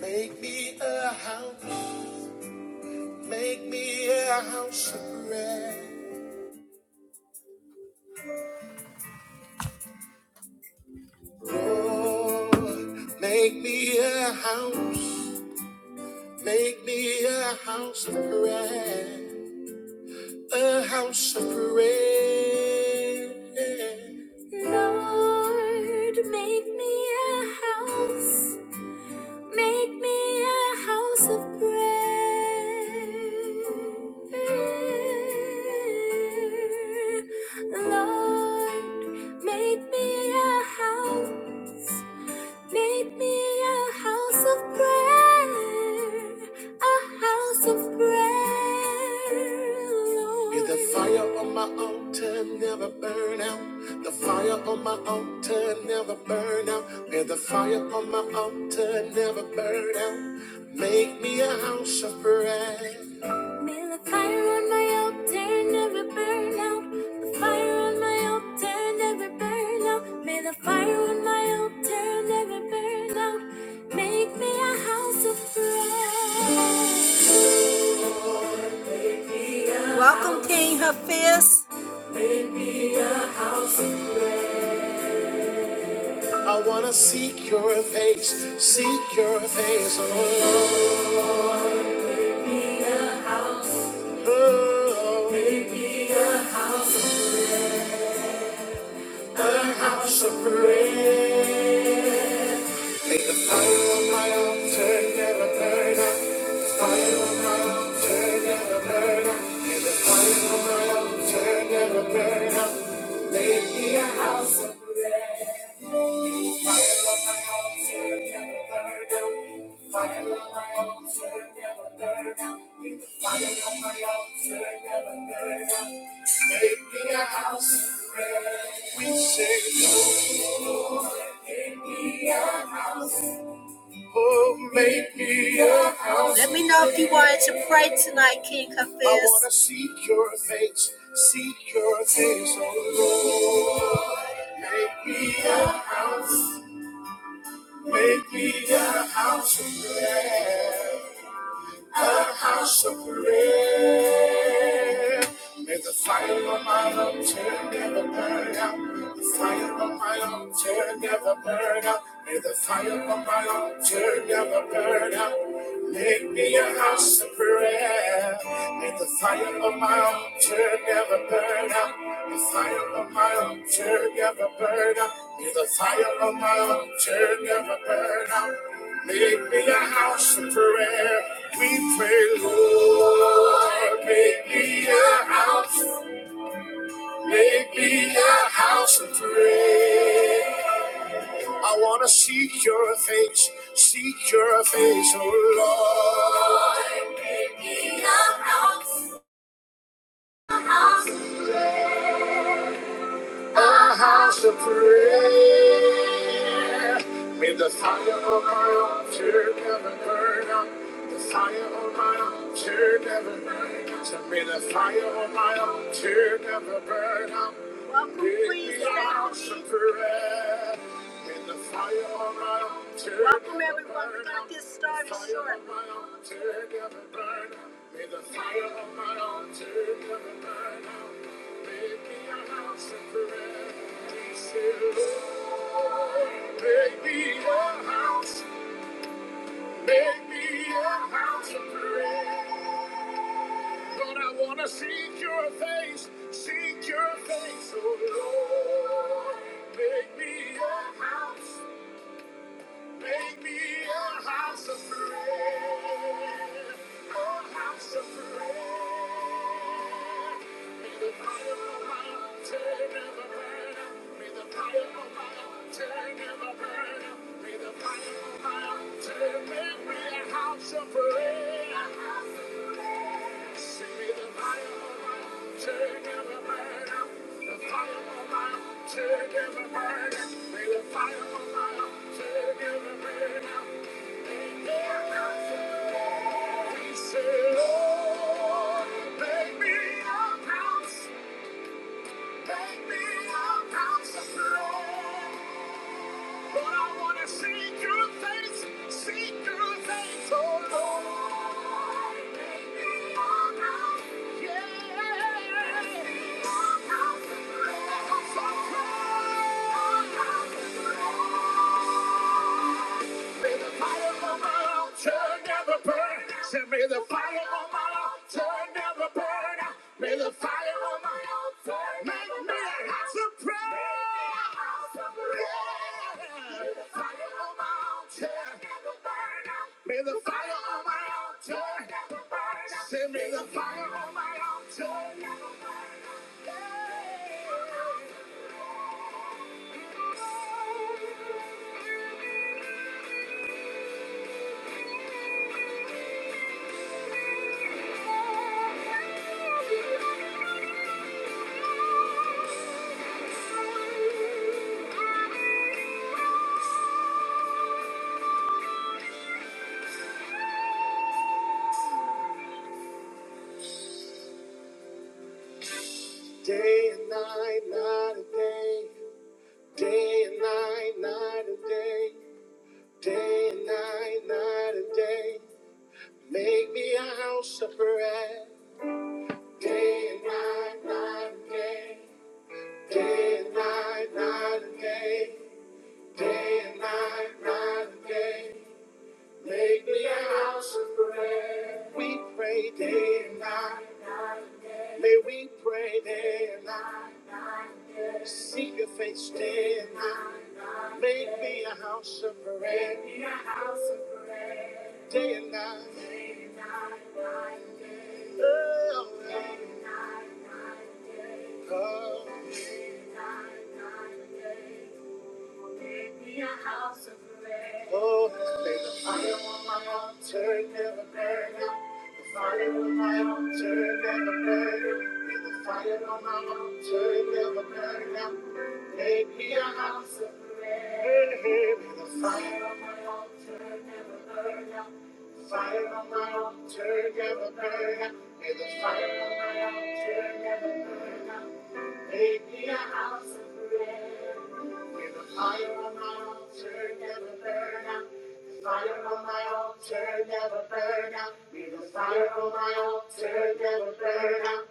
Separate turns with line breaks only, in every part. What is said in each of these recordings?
Make me a house, make me a house of prayer. Lord, make me a house, make me a house of prayer. A house of prayer. Lord, make me a house. Make me a house of prayer. Lord, make me a house. Make me a house of prayer, a house of prayer, Lord. May the fire on my altar never burn out. The fire on my altar never burn out. May the fire on my altar never burn out. Make me a house of prayer. May the fire on my altar never burn out. The fire on my altar never burn out. May the fire on my altar never burn out. Make me a house of prayer. Welcome, King Hafiz. I wanna seek your face, seek your face, oh, oh, oh. Make a house of prayer. May the fire on my altar never burn out. The fire on my altar never burn out. May the fire on my altar never burn out. Give me a house of gold. Fire on my altar never burn out. May the fire on my altar never burn out. Make me a house. We say, Lord, make me a house. Oh, make me a house. I seek your face, seek your face, oh Lord. Make me a house, make me a house of prayer, a house of prayer. May the fire of my love never burn out. Fire of my altar never burn out. May the fire of my altar never burn out. Make me a house of prayer. May the fire of my altar never burn out. The fire of my altar never burn out. May the fire of my altar never burn out. Make me a house of prayer. We pray, Lord, make me a house. of prayer. Make me a house of prayer. I wanna seek your face, seek your face, oh Lord. A house of prayer. May the fire of my altar never burn out. The fire of my altar never burn out. So may the fire of my altar never burn out. Prayer. May the fire of my altar my altar, never burn out. May the fire of my altar never burn out. Make me a house of prayer. Make me a house. Make me a house of prayer. Lord, I want to seek your face, seek your face, oh Lord. Make me a house, Make me a house of prayer, a house of prayer. May the fire of my altar never burn out. May the fire of my altar never burn out. May the fire of my altar make me a house of prayer. A house of prayer. Say, may the fire of my altar never burn out. The fire of my altar never burn out. May the fire yeah. May the fire on my altar never burn. Say, may the fire on my altar never burn. May the fire on my altar never burn. May may the house of prayer. May the fire on my altar never burn. May the fire on my altar never burn. Say, may the fire on my altar never burn. Day and night, night and day. Day and night, night and day, day and night, night and day, make me a house of prayer. Day and night, night and day, day and night, night and day, day and night, night and day, make me a house of prayer. We pray day and night. May we pray day and night, seek your face day and night. Make me a house of prayer, day and night. Oh, yeah. Oh, oh, may the fire on my altar never burn out. The fire on my altar never burn out. May the fire on my altar never burn out. Make me a house of prayer. May the fire on my altar never burn out. The fire on my altar never burn out. May the fire on my altar never burn out. Make me a house of prayer. May the fire on my altar never burn out. The fire on my altar never burn out. May the fire on my altar never burn out.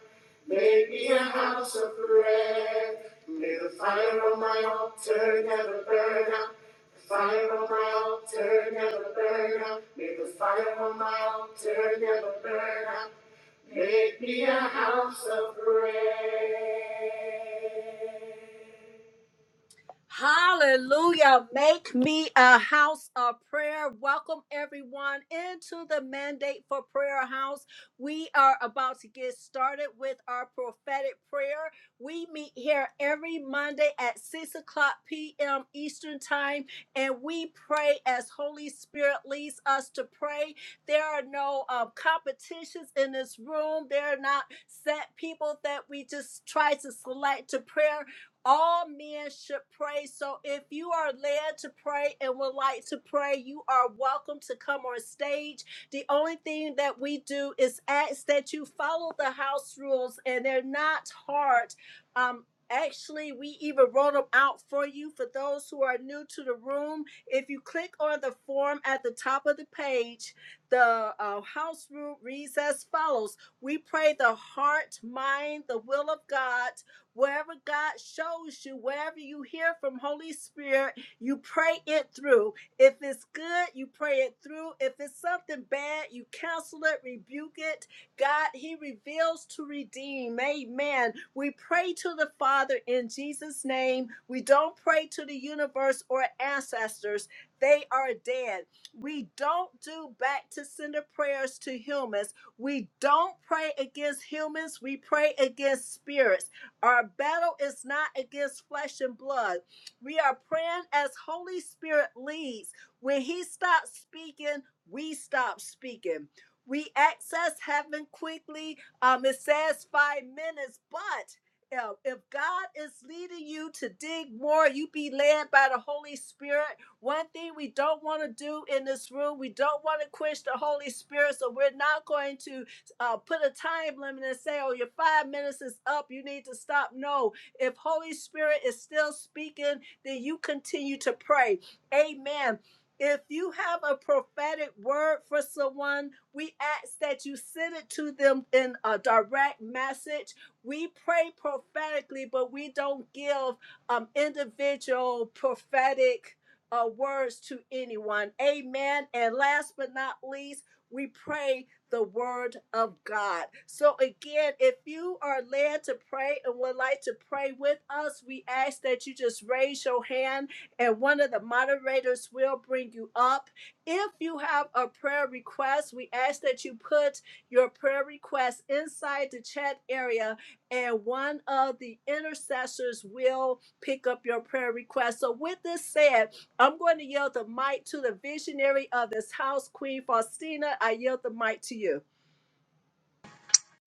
Make me a house of prayer. May the fire on my altar never burn out. The fire on my altar never burn out. May the fire on my altar never burn out. Make me a house of prayer.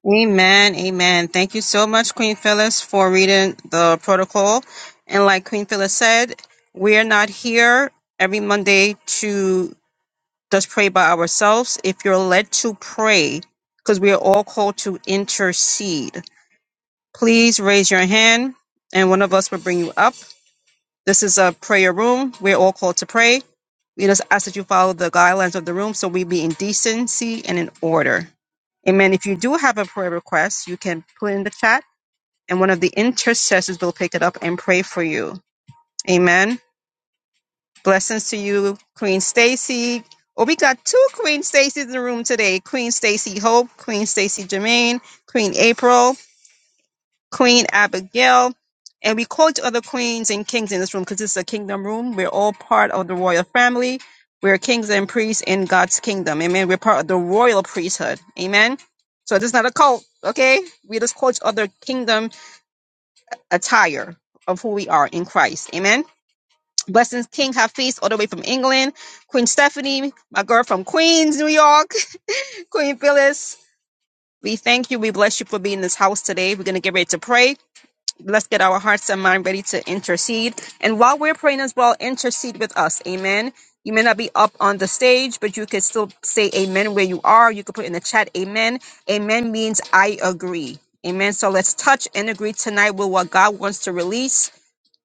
Amen. Amen. Thank you so much, Queen Phyllis, for reading the protocol. And like Queen Phyllis said, we are not here every Monday to just pray by ourselves. If you're led to pray, because we are all called to intercede, please raise your hand and one of us will bring you up. This is a prayer room. We're all called to pray. We just ask that you follow the guidelines of the room so we be in decency and in order. Amen. If you do have a prayer request, you can put in the chat and one of the intercessors will pick it up and pray for you. Amen. Blessings to you, Queen Stacy. Oh, we got two Queen Stacy's in the room today. Queen Stacy Hope, Queen Stacy Jermaine, Queen April, Queen Abigail. And we call quote other queens and kings in this room because this is a kingdom room. We're all part of the royal family. We're kings and priests in God's kingdom. Amen. We're part of the royal priesthood. Amen. So this is not a cult. Okay. We just call quote other kingdom attire of who we are in Christ. Amen. Blessings King Hafiz, all the way from England. Queen Stephanie, my girl from Queens, New York. Queen Phyllis, we thank you. We bless you for being in this house today. We're going to get ready to pray. Let's get our hearts and mind ready to intercede. And while we're praying as well, intercede with us. Amen. You may not be up on the stage, but you can still say amen where you are. You can put in the chat amen. Amen means I agree. Amen. So let's touch and agree tonight with what God wants to release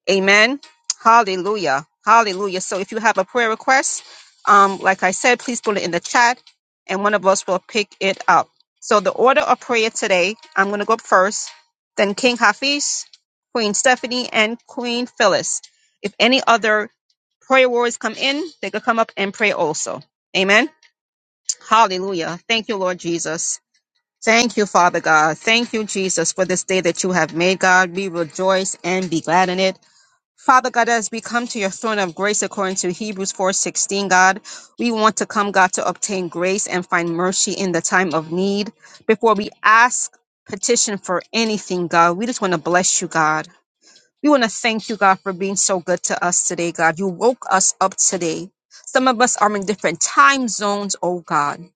Amen. Hallelujah. Hallelujah. So if you have a prayer request, um, like I said, please put it in the chat and one of us will pick it up. So the order of prayer today, I'm going to go up first, then King Hafiz, Queen Stephanie, and Queen Phyllis. If any other prayer warriors come in, they could come up and pray also. Amen. Hallelujah. Thank you, Lord Jesus. Thank you, Father God. Thank you, Jesus, for this day that you have made, God. We rejoice and be glad in it. Father God, as we come to your throne of grace according to Hebrews 4:16, God, we want to come, God, to obtain grace and find mercy in the time of need. Before we ask, petition for anything, God, we just want to bless you, God. We want to thank you, God, for being so good to us today, God. You woke us up today. Some of us are in different time zones, oh God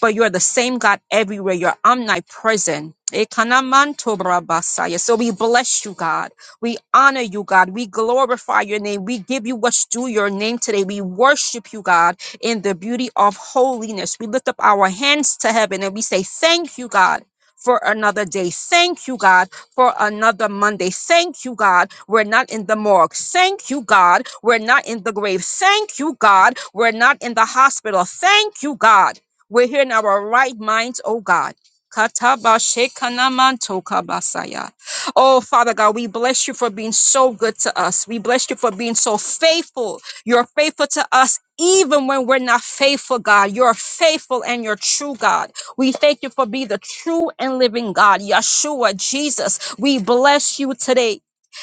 but you are the same God everywhere. You're omnipresent. Ekanamantobrabasaya. So we bless you, God. We honor you, God. We glorify your name. We give you what's due your name today. We worship you, God, in the beauty of holiness. We lift up our hands to heaven and we say, Thank you, God. For another day. Thank you, God, for another Monday. Thank you, God, we're not in the morgue. Thank you, God, we're not in the grave. Thank you, God, we're not in the hospital. Thank you, God. We're here in our right minds, oh God. Katabashekanamatokabasaya. Oh, Father God, we bless you for being so good to us. We bless you for being so faithful. You're faithful to us even when we're not faithful, God. You're faithful and you're true, God. We thank you for being the true and living God, Yeshua, Jesus. We bless you today.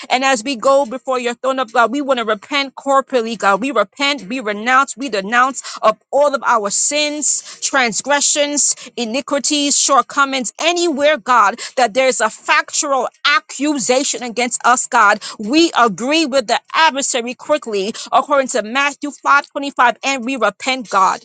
And as we go before your throne of God, we want to repent corporately, God. We repent, we renounce, we denounce of all of our sins, transgressions, iniquities, shortcomings, anywhere, God, that there's a factual accusation against us, God. We agree with the adversary quickly, according to Matthew 5:25, and we repent, God.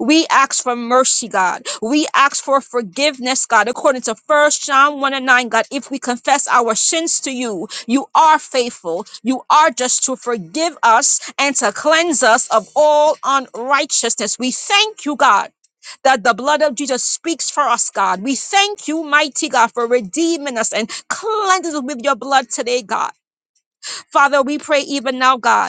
We ask for mercy, God. We ask for forgiveness, God, according to First John 1 and 9, God. If we confess our sins to you, you are faithful. You are just to forgive us and to cleanse us of all unrighteousness. We thank you, God. That the blood of Jesus speaks for us, God. We thank you, mighty God, for redeeming us and cleansing us with your blood today, God. Father, we pray even now, God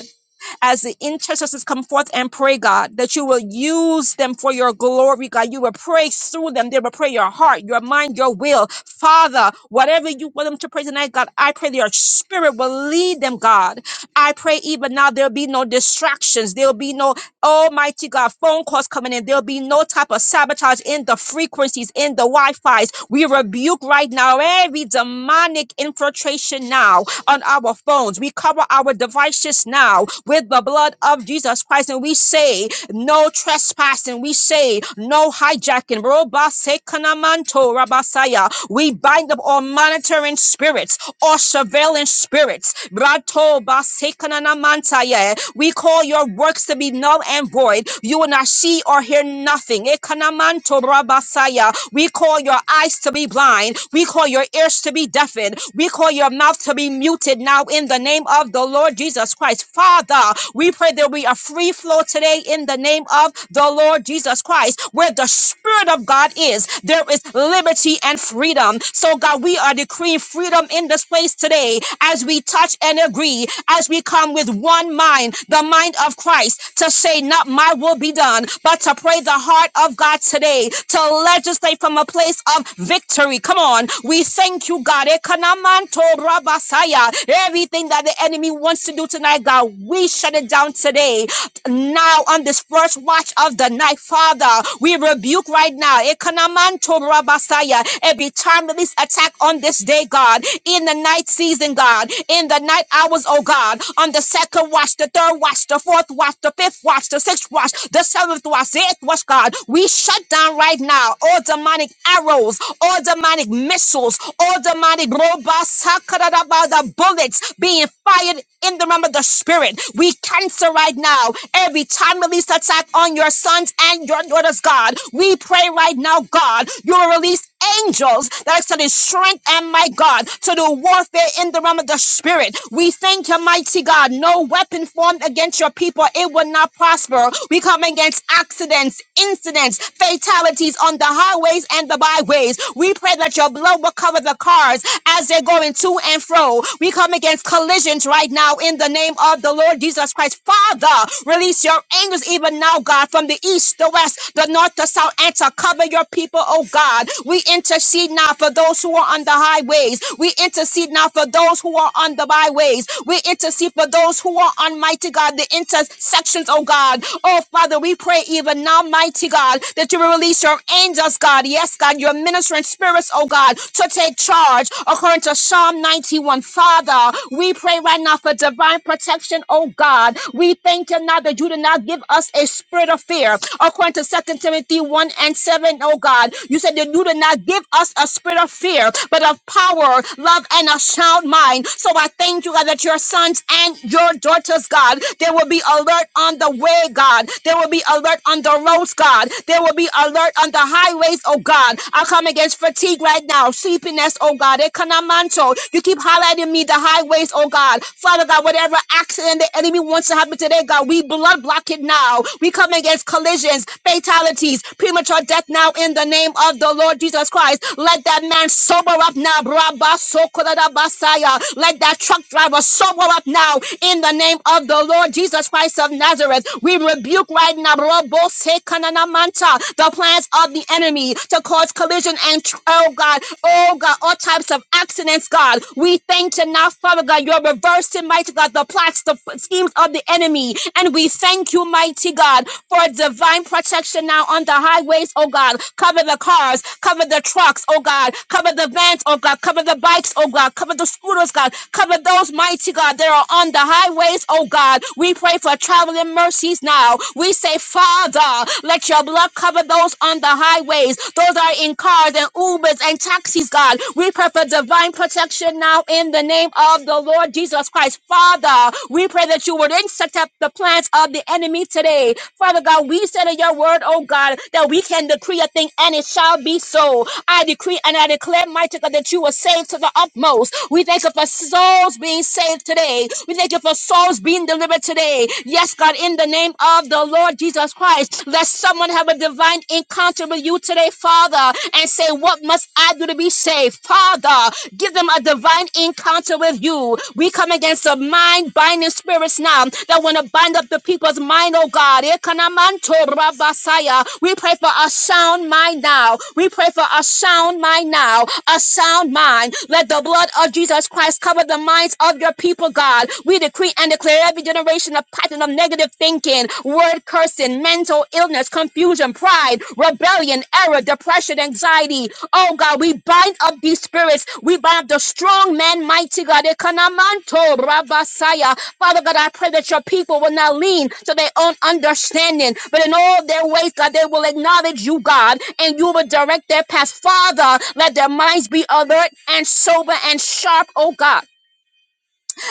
as the intercessors come forth and pray, God, that you will use them for your glory, God. You will pray through them. They will pray your heart, your mind, your will. Father, whatever you want them to pray tonight, God, I pray that your spirit will lead them, God. I pray even now there'll be no distractions. There'll be no, almighty God, phone calls coming in. There'll be no type of sabotage in the frequencies, in the Wi-Fi's. We rebuke right now every demonic infiltration now on our phones. We cover our devices now with the blood of Jesus Christ and we say no trespassing. We say no hijacking. Robasekanamanto rabasaya. We bind up all monitoring spirits all surveillance spirits. Brato basekananamantaya. We call your works to be null and void. You will not see or hear nothing. Ekanamanto rabasaya. We call your eyes to be blind. We call your ears to be deafened. We call your mouth to be muted now in the name of the Lord Jesus Christ. Father, we pray there be a free flow today in the name of the Lord Jesus Christ. Where the Spirit of God is, there is liberty and freedom. So, God, we are decreeing freedom in this place today as we touch and agree, as we come with one mind, the mind of Christ, to say, Not my will be done, but to pray the heart heart of God today to legislate from a place of victory. Come on. We thank you, God. Ekanamanto rabasaya. Everything that the enemy wants to do tonight, God, we shut it down today now on this first watch of the night, Father. We rebuke right now Ekanamanto Rabasaya, every timeless attack on this day, God, in the night season, God, in the night hours, oh God, on the second watch, the third watch, the fourth watch, the fifth watch, the the sixth watch, the seventh watch, the eighth watch, God. We shut down right now all demonic arrows, all demonic missiles, all demonic robots, the bullets being fired in the realm of the spirit. We cancel right now every time release attack on your sons and your daughters, God. We pray right now, God, you will release angels that extended strength and my God to do warfare in the realm of the spirit. We thank you, mighty God. No weapon formed against your people, it will not prosper. We come against accidents, incidents, fatalities on the highways and the byways. We pray that your blood will cover the cars as they're going to and fro. We come against collisions right now in the name of the Lord Jesus Christ. Father, release your angels even now, God, from the east, the west, the north, the south, and to cover your people people, oh God. We intercede now for those who are on the highways. We intercede now for those who are on the byways. We intercede for those who are on mighty God, the intersections, oh God. Oh Father, we pray even now, mighty God, that you will release your angels, God. Yes, God, your ministering spirits, oh God, to take charge according to Psalm 91. Father, we pray right now for divine protection, oh God. We thank you now that you did not give us a spirit of fear according to Second Timothy 1 First Peter 1 and 7, oh God. You said that you did not give us a spirit of fear, but of power, love, and a sound mind. So I thank you, God, that your sons and your daughters, God, they will be alert on the way, God. They will be alert on the roads, God. They will be alert on the highways, oh God. I come against fatigue right now, sleepiness, oh God. Ekanamanto. You keep highlighting me the highways, oh God. Father God, whatever accident the enemy wants to happen today, God, we blood block it now. We come against collisions accidents, fatalities, premature death now in the name of the Lord Jesus Christ. Let that man sober up now. Brabba sokorada basaya. Let that truck driver sober up now in the name of the Lord Jesus Christ of Nazareth. We rebuke right now Robo sekanana manta, the plans of the enemy to cause collision and, tr- oh God, oh God, all types of accidents, God. We thank you now, Father God. You're reversing, mighty God, the plots, the f- schemes of the enemy. And we thank you, mighty God. God, for divine protection now on the highways, oh God. Cover the cars, cover the trucks, oh God. Cover the vans, oh God. Cover the bikes, oh God. Cover the scooters, God. Cover those mighty God that are on the highways, oh God. We pray for traveling mercies now. We say, Father, let your blood cover those on the highways, those that are in cars and Ubers and taxis, God. We pray for divine protection now in the name of the Lord Jesus Christ. Father, we pray that you would insect the plans of of the enemy today. Father God, we said in your word, oh God, that we can decree a thing and it shall be so. I decree and I declare, mighty God, that you are saved to the utmost. We thank you for souls being saved today. We thank you for souls being delivered today. Yes, God, in the name of the Lord Jesus Christ, let someone have a divine encounter with you today, Father, and say, What must I do to be saved? Father, give them a divine encounter with you. We come against the mind binding spirits now that want to bind up the people's mind, oh God. Ekanamanto rabasaya. We pray for a sound mind now. We pray for a sound mind now. A sound mind. Let the blood of Jesus Christ cover the minds of your people, God. We decree and declare every generation a pattern of negative thinking, word cursing, mental illness, confusion, pride, rebellion, error, depression, anxiety. Oh God, we bind up these spirits. We bind up the strong man, mighty God. Ekanamanto rabasaya. Father God, I pray that your people will not lean to their own understanding, but in all their ways, God, they will acknowledge you, God, and you will direct their path. Father, let their minds be alert and sober and sharp, oh God.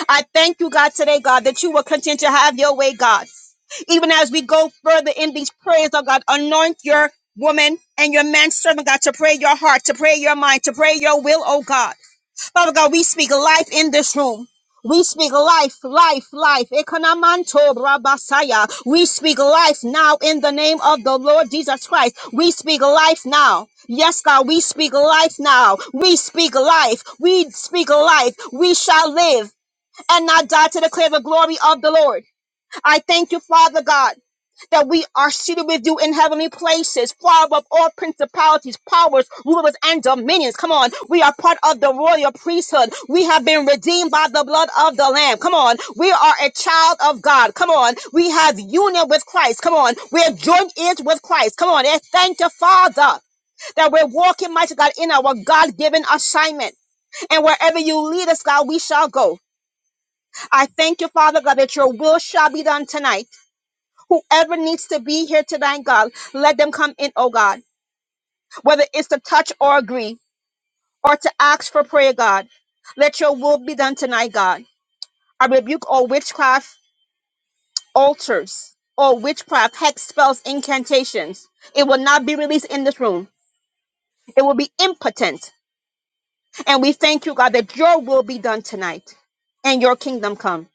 I thank you, God, today, God, that you will continue to have your way, God. Even as we go further in these prayers, oh God, anoint your woman and your man servant, God, to pray your heart, to pray your mind, to pray your will, oh God. Father God, we speak life in this room. We speak life, life, life. Ekonamanto brabasaya. We speak life now in the name of the Lord Jesus Christ. We speak life now. Yes, God, we speak life now. We speak life. We speak life. We shall live and not die to declare the glory of the Lord. I thank you, Father God that we are seated with you in heavenly places, far above all principalities, powers, rulers, and dominions. Come on, we are part of the royal priesthood. We have been redeemed by the blood of the Lamb. Come on, we are a child of God. Come on, we have union with Christ. Come on, we have joined ears with Christ. Come on, and thank the Father that we're walking, mighty God, in our God given assignment. And wherever you lead us, God, we shall go. I thank you, Father God, that your will shall be done tonight. Whoever needs to be here tonight, God, let them come in, oh God, whether it's to touch or agree or to ask for prayer, God. Let your will be done tonight, God. I rebuke all witchcraft altars, all witchcraft, hex spells, incantations. It will not be released in this room. It will be impotent. And we thank you, God, that your will be done tonight and your kingdom come.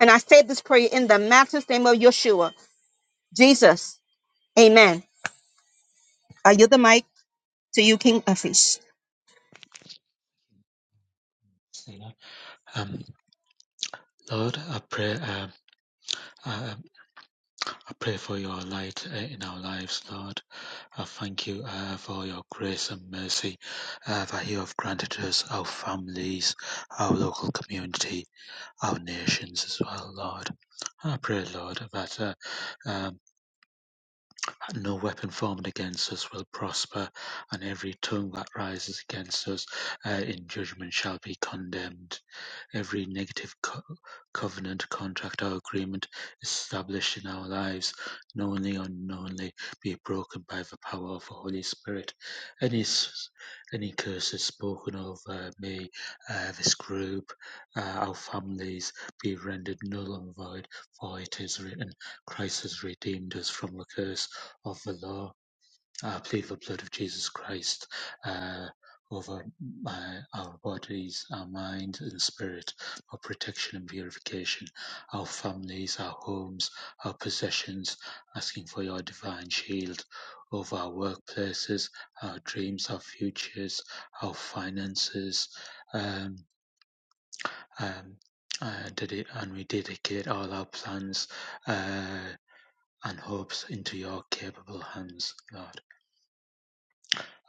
And I say this prayer in the matchless name of Yeshua, Jesus. Amen. I yield the mic to you, King Afish.
Um, Lord, I pray, um, I, I pray for your light uh, in our lives, Lord. I thank you uh, for your grace and mercy uh, that you have granted us, our families, our local community, our nations as well, Lord. I pray, Lord, that uh, um, no weapon formed against us will prosper, and every tongue that rises against us uh, in judgment shall be condemned. Every negative co- covenant, contract, or agreement established in our lives, knowingly or unknowingly, be broken by the power of the Holy Spirit. Any, s- any curses spoken over me, uh, this group, uh, our families, be rendered null and void, for it is written, Christ has redeemed us from the curse of the law I plead the blood of Jesus Christ uh, over my, our bodies, our mind, and spirit our protection and purification, our families, our homes, our possessions, asking for your divine shield over our workplaces, our dreams, our futures, our finances. Um, um, uh, dedi- and we dedicate all our plans uh, and hopes into your capable hands, Lord.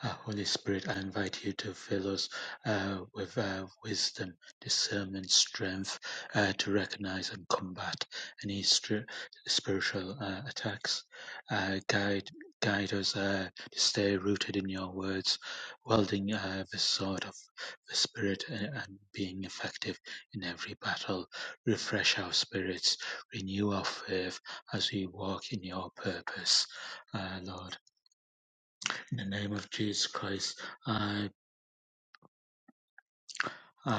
Uh, Holy Spirit, I invite you to fill us uh, with uh, wisdom, discernment, strength uh, to recognize and combat any stri- spiritual uh, attacks. Uh, guide, guide us uh, to stay rooted in your words, wielding uh, the sword of the Spirit and, and being effective in every battle. Refresh our spirits, renew our faith as we walk in your purpose, uh, Lord. In the name of Jesus Christ, I I,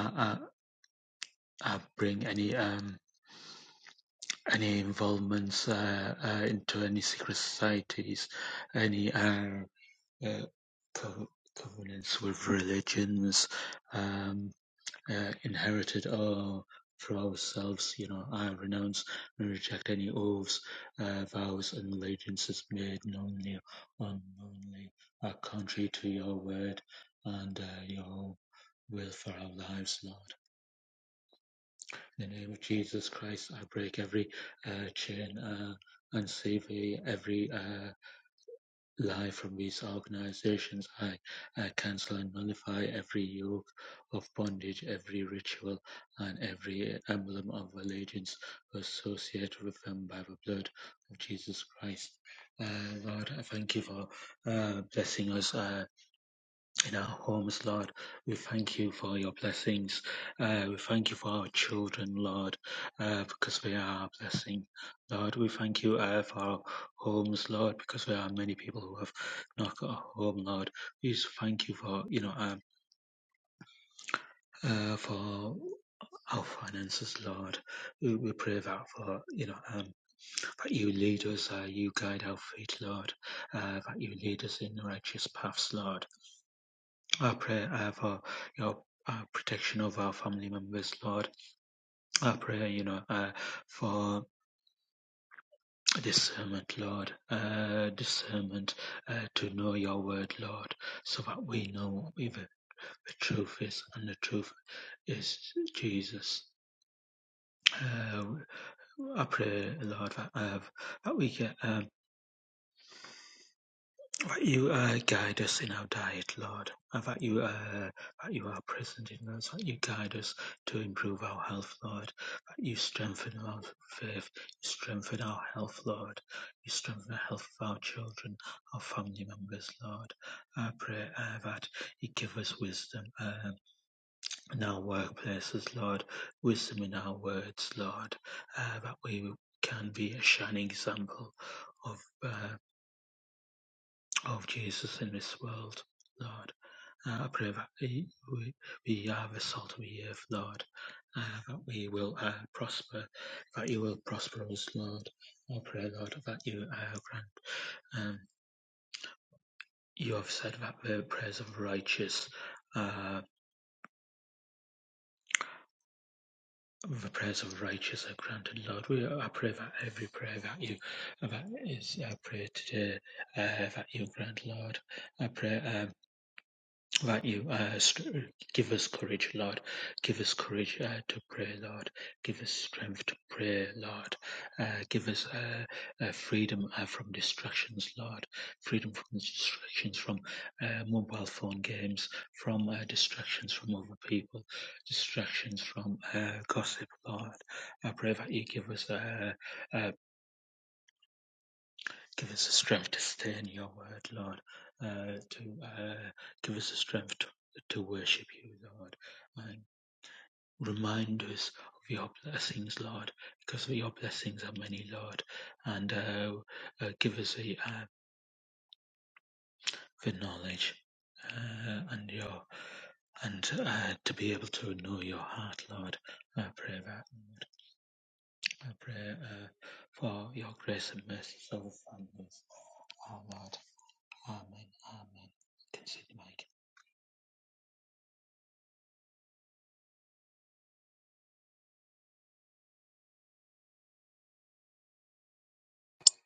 I, I bring any um any involvements uh, uh, into any secret societies, any uh, uh, co- covenants with religions. Um, uh, inherited uh, for ourselves. You know, I renounce and reject any oaths, uh, vows, and allegiances made knowingly or unknowingly are contrary to your word and uh, your will for our lives, Lord. In the name of Jesus Christ, I break every uh, chain uh, and sever every uh, Live from these organizations I I cancel and nullify every yoke of bondage, every ritual, and every emblem of allegiance associated with them by the blood of Jesus Christ. Uh, Lord, I thank you for uh, blessing us. Uh, in our homes, Lord. We thank you for your blessings. Uh, we thank you for our children, Lord, uh, because they are a blessing. Lord, we thank you uh, for our homes, Lord, because there are many people who have not got a home, Lord. We just thank you for, you know, um, uh, for our finances, Lord. We, we pray that for, you know, um, that you lead us, uh, you guide our feet, Lord, uh, that you lead us in righteous paths, Lord. I pray uh, for your uh, protection of our family members, Lord. I pray, you know, uh, for discernment, Lord, uh, discernment uh, to know your word, Lord, so that we know what the, the truth is, and the truth is Jesus. Uh, I pray, Lord, that, uh, that we get. Um, That you uh, guide us in our diet, Lord, and that you uh, that you are present in us, that you guide us to improve our health, Lord, that you strengthen our faith, you strengthen our health, Lord, you strengthen the health of our children, our family members, Lord. I pray uh, that you give us wisdom um in our workplaces, Lord, wisdom in our words, Lord, uh, that we can be a shining example of. uh, of Jesus in this world, Lord. Uh, I pray that we, we we are the salt of the earth, Lord, uh, that we will uh, prosper, that you will prosper us, Lord. I pray, Lord, that you uh, grant. Um, you have said that the prayers of righteous, uh, the prayers of righteous are granted, Lord. We, I pray that every prayer that you that is uh, prayed today, uh, that you grant, Lord. I pray. uh, that you uh, st- give us courage, Lord. Give us courage uh, to pray, Lord. Give us strength to pray, Lord. Uh, give us uh, uh, freedom uh, from distractions, Lord. Freedom from distractions from uh, mobile phone games, from uh, distractions from other people, distractions from uh, gossip, Lord. I pray that you give us uh, uh, Give us the strength to stay in your word, Lord, uh, to uh, give us the strength to, to worship you, Lord, and remind us of your blessings, Lord, because your blessings are many, Lord, and uh, uh, give us the, uh, the knowledge. Uh, and your and uh, to be able to know your heart, Lord, I pray that. Lord. I pray uh, for your grace and mercy for the families. Our Lord, Amen. Amen. Consider my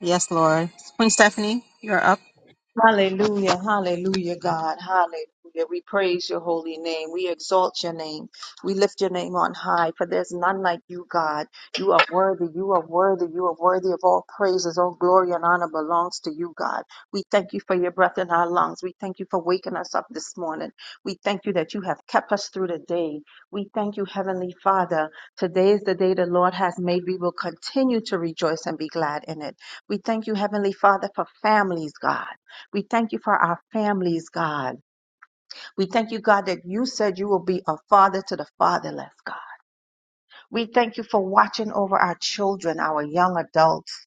Yes, Lord. Queen Stephanie, you're up.
Hallelujah, hallelujah, God, hallelujah. We praise your holy name. We exalt your name. We lift your name on high, for there's none like you, God. You are worthy, you are worthy, you are worthy of all praises. All glory and honor belongs to you, God. We thank you for your breath in our lungs. We thank you for waking us up this morning. We thank you that you have kept us through the day. We thank you, Heavenly Father. Today is the day the Lord has made. We will continue to rejoice and be glad in it. We thank you, Heavenly Father, for families, God. We thank you for our families, God. We thank you, God, that you said you will be a father to the fatherless, God. We thank you for watching over our children, our young adults,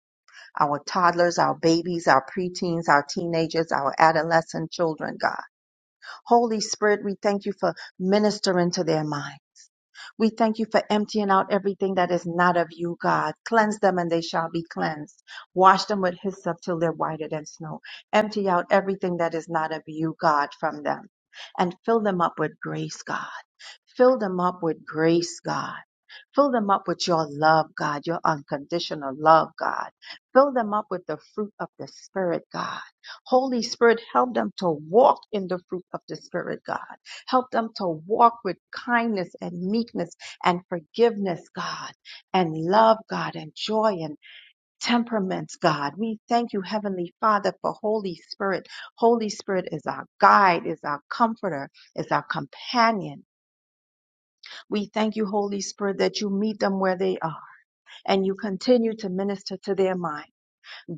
our toddlers, our babies, our preteens, our teenagers, our adolescent children, God. Holy Spirit, we thank you for ministering to their minds. We thank you for emptying out everything that is not of you, God. Cleanse them and they shall be cleansed. Wash them with hyssop till they're whiter than snow. Empty out everything that is not of you, God, from them. And fill them up with grace, God. Fill them up with grace, God. Fill them up with your love, God, your unconditional love, God. Fill them up with the fruit of the Spirit, God. Holy Spirit, help them to walk in the fruit of the Spirit, God. Help them to walk with kindness and meekness and forgiveness, God, and love, God, and joy and temperaments, God. We thank you, Heavenly Father, for Holy Spirit. Holy Spirit is our guide, is our comforter, is our companion. We thank you, Holy Spirit, that you meet them where they are and you continue to minister to their mind.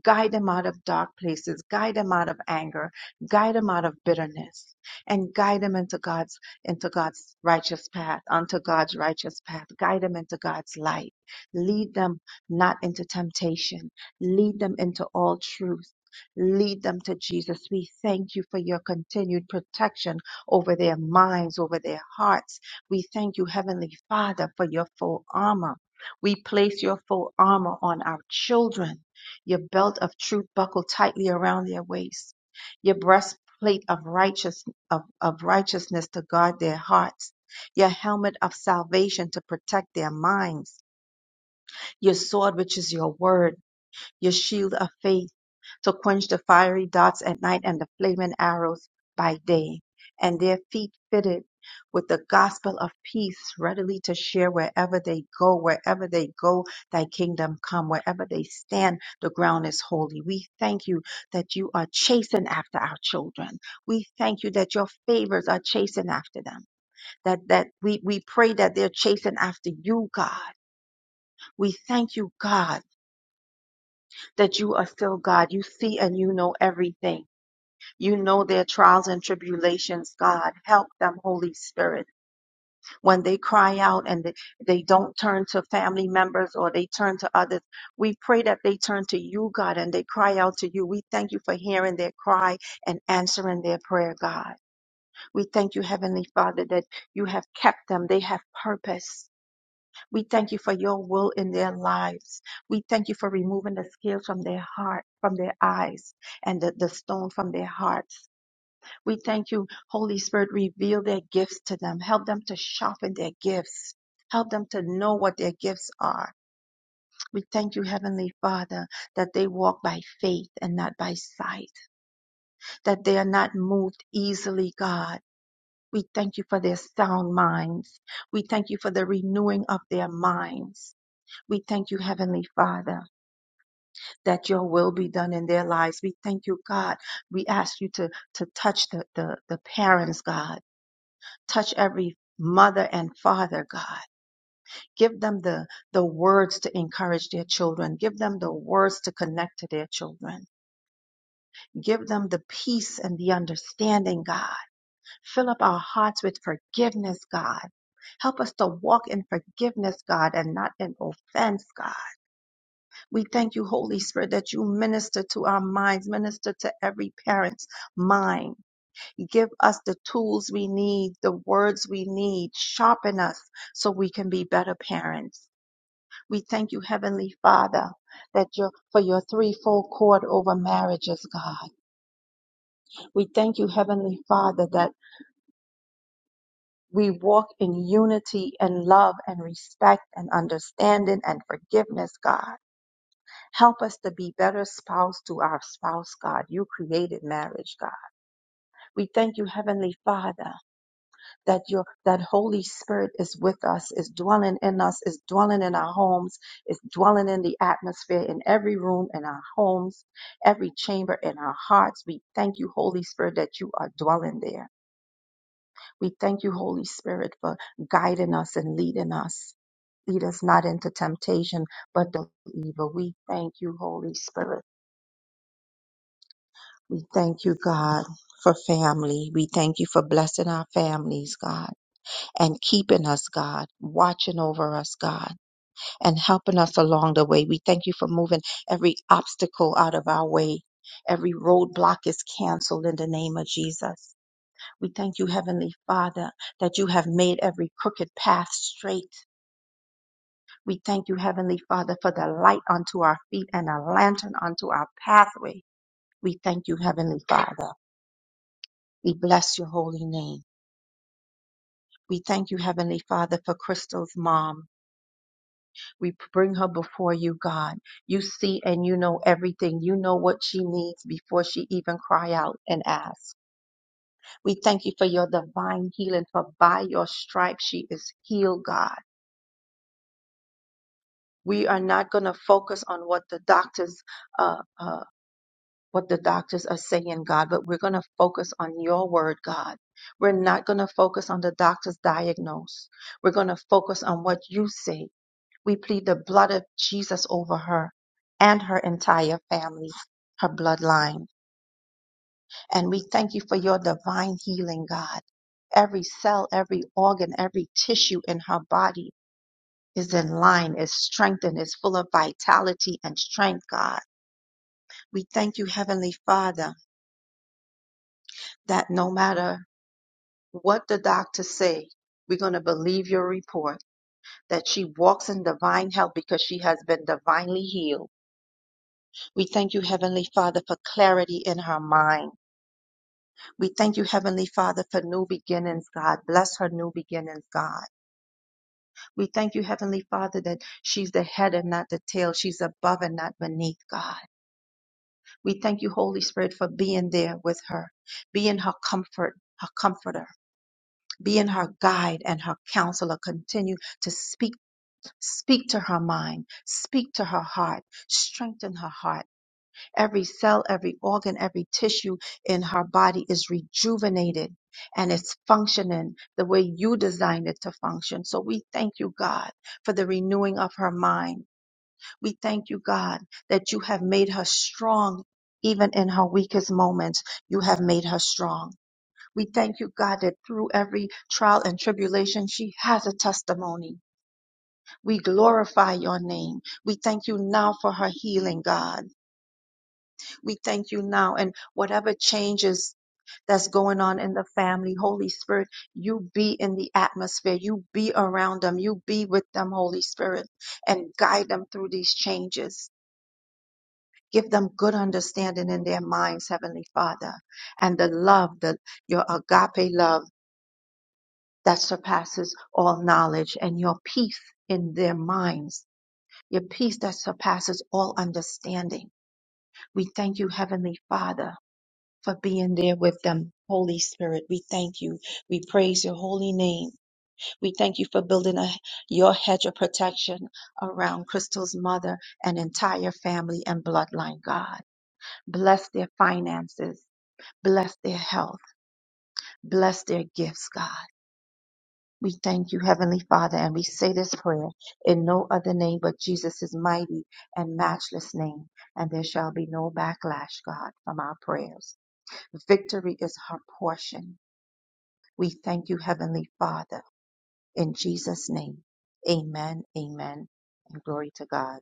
Guide them out of dark places. Guide them out of anger. Guide them out of bitterness. And guide them into God's, into God's righteous path, onto God's righteous path. Guide them into God's light. Lead them not into temptation. Lead them into all truth. Lead them to Jesus. We thank you for your continued protection over their minds, over their hearts. We thank you, Heavenly Father, for your full armor. We place your full armor on our children your belt of truth buckled tightly around their waist. Your breastplate of righteous of, of righteousness to guard their hearts. Your helmet of salvation to protect their minds. Your sword, which is your word. Your shield of faith to quench the fiery darts at night and the flaming arrows by day, and their feet fitted with the gospel of peace readily to share wherever they go, wherever they go, thy kingdom come, wherever they stand, the ground is holy. We thank you that you are chasing after our children. We thank you that your favors are chasing after them. That that we, we pray that they're chasing after you, God. We thank you, God, that you are still God. You see and you know everything you know their trials and tribulations, God. Help them, Holy Spirit. When they cry out and they, they don't turn to family members or they turn to others, we pray that they turn to you, God, and they cry out to you. We thank you for hearing their cry and answering their prayer, God. We thank you, Heavenly Father, that you have kept them. They have purpose. We thank you for your will in their lives. We thank you for removing the scales from their heart, from their eyes, and the, the stone from their hearts. We thank you, Holy Spirit, reveal their gifts to them. Help them to sharpen their gifts. Help them to know what their gifts are. We thank you, Heavenly Father, that they walk by faith and not by sight, that they are not moved easily, God. We thank you for their sound minds. We thank you for the renewing of their minds. We thank you, Heavenly Father, that your will be done in their lives. We thank you, God. We ask you to, to touch the, the, the parents, God touch every mother and father, God. Give them the, the words to encourage their children. Give them the words to connect to their children. Give them the peace and the understanding, God. Fill up our hearts with forgiveness, God. Help us to walk in forgiveness, God, and not in offense, God. We thank you, Holy Spirit, that you minister to our minds, minister to every parent's mind Give us the tools we need, the words we need. Sharpen us so we can be better parents. We thank you, Heavenly Father, that your for your threefold cord over marriages, God. We thank you, Heavenly Father, that we walk in unity and love and respect and understanding and forgiveness, God. Help us to be better spouse to our spouse, God. You created marriage, God. We thank you, Heavenly Father. that your that Holy Spirit is with us, is dwelling in us, is dwelling in our homes, is dwelling in the atmosphere in every room in our homes, every chamber in our hearts. We thank you, Holy Spirit, that you are dwelling there. We thank you, Holy Spirit, for guiding us and leading us. Lead us not into temptation, but the evil. We thank you, Holy Spirit. We thank you, God, for family. We thank you for blessing our families, God. and keeping us, God, watching over us, God, and helping us along the way. We thank you for moving every obstacle out of our way. Every roadblock is canceled in the name of Jesus. We thank you, Heavenly Father, that you have made every crooked path straight. We thank you, Heavenly Father, for the light unto our feet and a lantern unto our pathway. We thank you, Heavenly Father. We bless your holy name. We thank you, Heavenly Father, for Crystal's mom. We bring her before you, God. You see and you know everything. You know what she needs before she even cry out and ask. We thank you for your divine healing, for by your stripes she is healed, God. We are not going to focus on what the doctors, uh, uh, what the doctors are saying, God, but we're going to focus on your word, God. We're not going to focus on the doctor's diagnose. We're going to focus on what you say We plead the blood of Jesus over her and her entire family, her bloodline. And we thank you for your divine healing, God. Every cell, every organ, every tissue in her body is in line, is strengthened, is full of vitality and strength, God. We thank you, Heavenly Father, that no matter what the doctors say, we're going to believe your report that she walks in divine health because she has been divinely healed We thank you, Heavenly Father, for clarity in her mind. We thank you, Heavenly Father, for new beginnings, God. Bless her new beginnings, God. We thank you, Heavenly Father, that she's the head and not the tail. She's above and not beneath, God. We thank you, Holy Spirit, for being there with her, being her comfort, her comforter. Being her guide and her counselor, continue to speak, speak to her mind, speak to her heart, strengthen her heart Every cell, every organ, every tissue in her body is rejuvenated and it's functioning the way you designed it to function. So we thank you, God, for the renewing of her mind. We thank you, God, that you have made her strong even in her weakest moments. You have made her strong. We thank you, God, that through every trial and tribulation, she has a testimony. We glorify your name. We thank you now for her healing, God. We thank you now. And whatever changes that's going on in the family, Holy Spirit, you be in the atmosphere. You be around them. You be with them, Holy Spirit, and guide them through these changes. Give them good understanding in their minds, Heavenly Father, and the love that your agape love that surpasses all knowledge and your peace in their minds, your peace that surpasses all understanding. We thank you, Heavenly Father for being there with them. Holy Spirit, we thank you. We praise your holy name. We thank you for building a, your hedge of protection around Crystal's mother and entire family and bloodline, God. Bless their finances. Bless their health. Bless their gifts, God. We thank you, Heavenly Father, and we say this prayer in no other name but Jesus' mighty and matchless name. And there shall be no backlash, God, from our prayers. Victory is her portion We thank you, Heavenly Father, in Jesus' name. Amen, amen, and glory to God.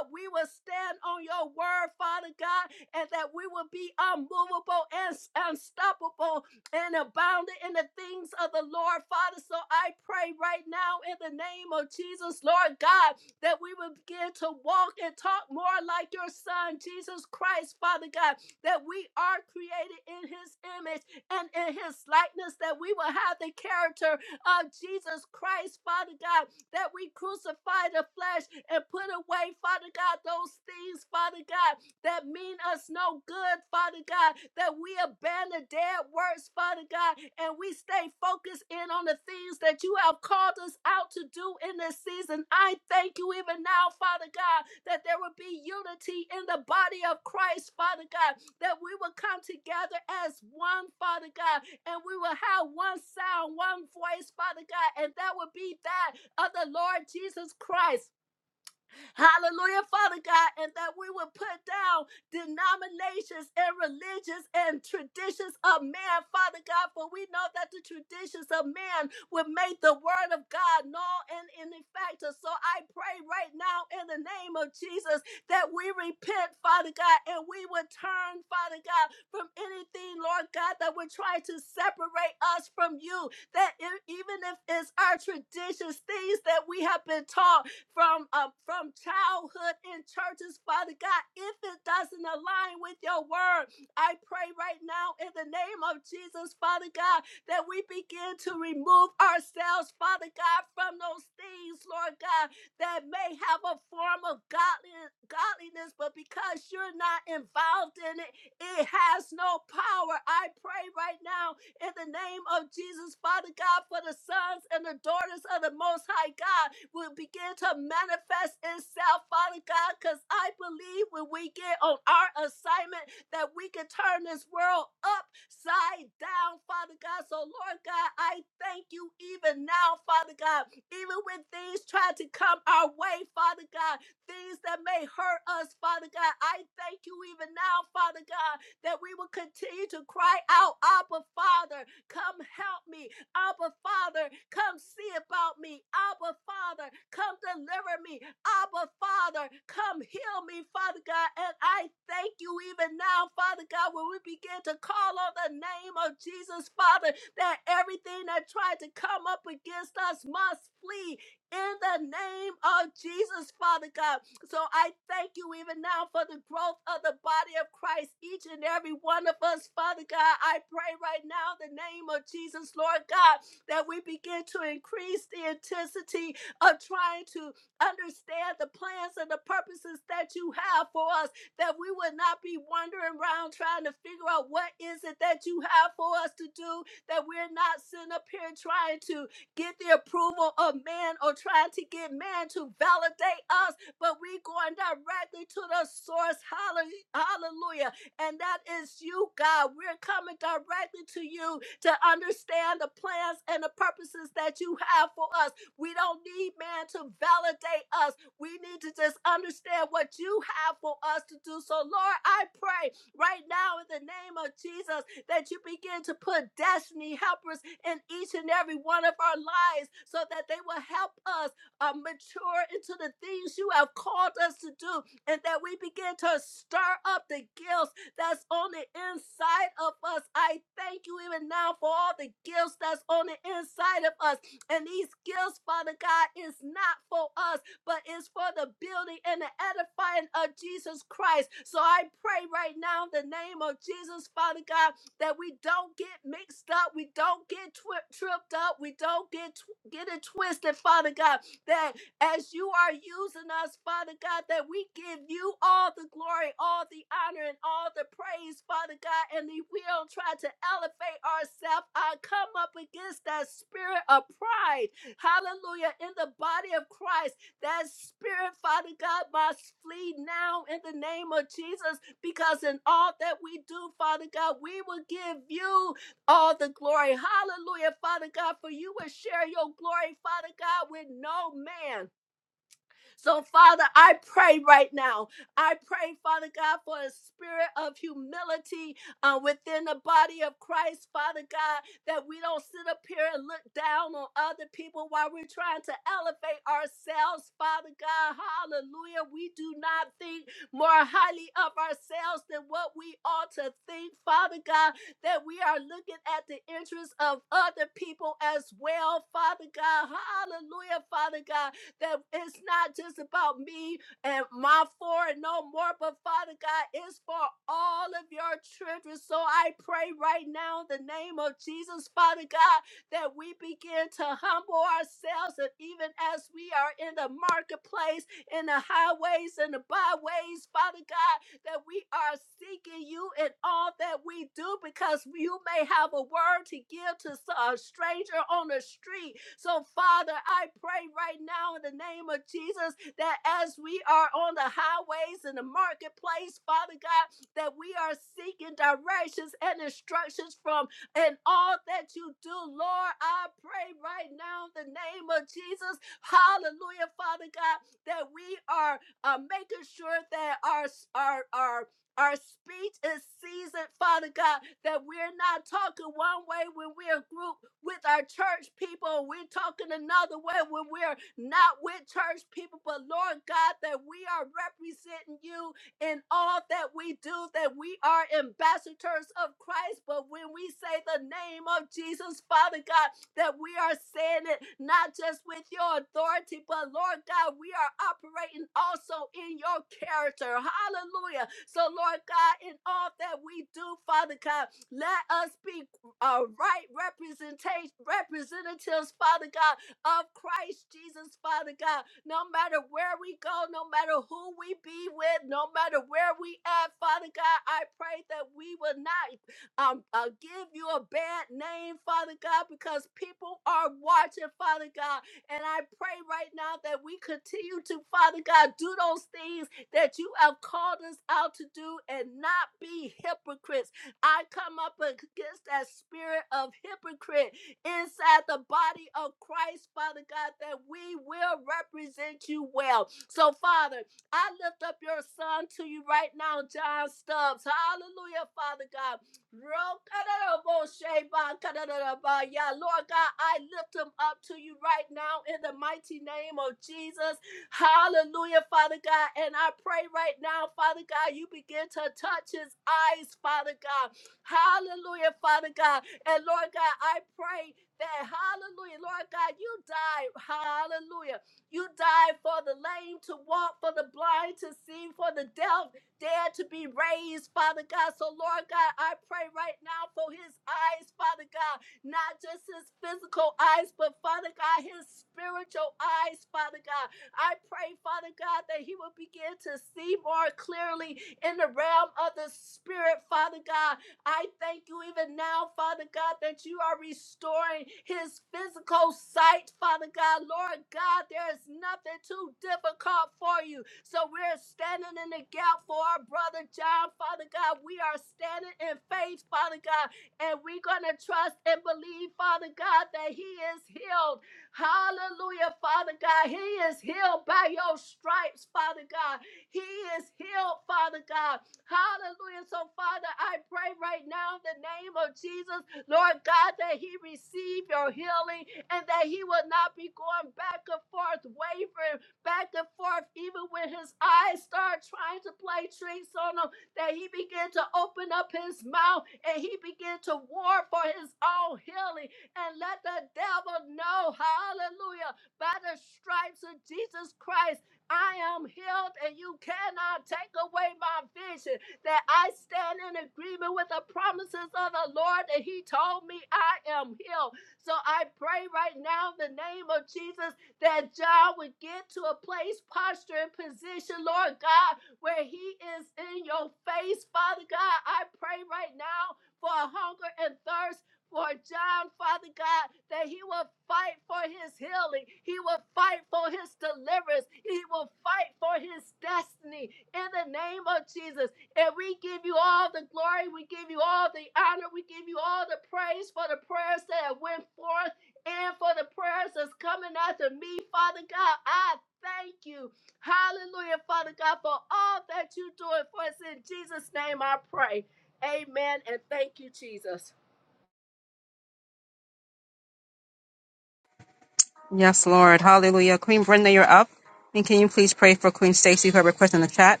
Yes, Lord. Hallelujah. Queen Brenda, you're up. And can you please pray for Queen Stacy, her request in the chat?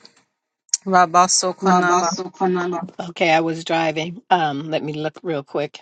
Rabaso Konama.
Rabaso Kanala. Okay, I was driving. Um, let me look real quick.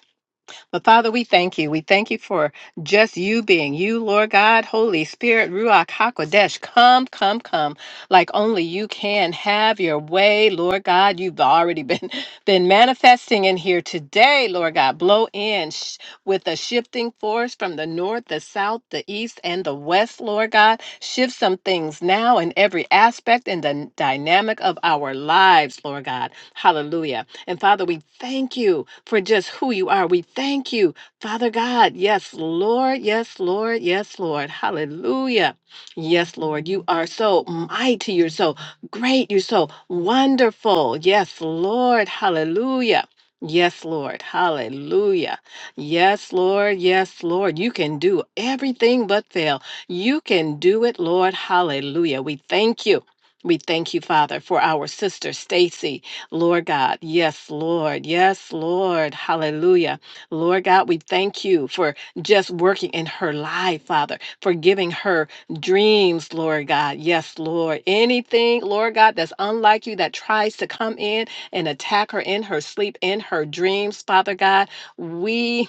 But Father, we thank you. We thank you for just you being you, Lord God, Holy Spirit, Ruach HaKodesh. Come, come, come, like only you can. Have your way, Lord God. You've already been been manifesting in here today, Lord God. Blow in sh- with a shifting force from the north, the south, the east, and the west, Lord God. Shift some things now in every aspect and the dynamic of our lives, Lord God. Hallelujah. And Father, we thank you for just who you are. We thank you, Father God. Yes, Lord. Yes, Lord. Yes, Lord. Hallelujah. Yes, Lord. You are so mighty. You're so great. You're so wonderful. Yes, Lord. Hallelujah. Yes, Lord. Hallelujah. Yes, Lord. Yes, Lord. You can do everything but fail. You can do it, Lord. Hallelujah. We thank you. We thank you, Father, for our sister Stacy. Lord God. Yes, Lord. Yes, Lord. Hallelujah. Lord God, we thank you for just working in her life, Father, for giving her dreams, Lord God. Yes, Lord. Anything, Lord God, that's unlike you that tries to come in and attack her in her sleep, in her dreams, Father God, we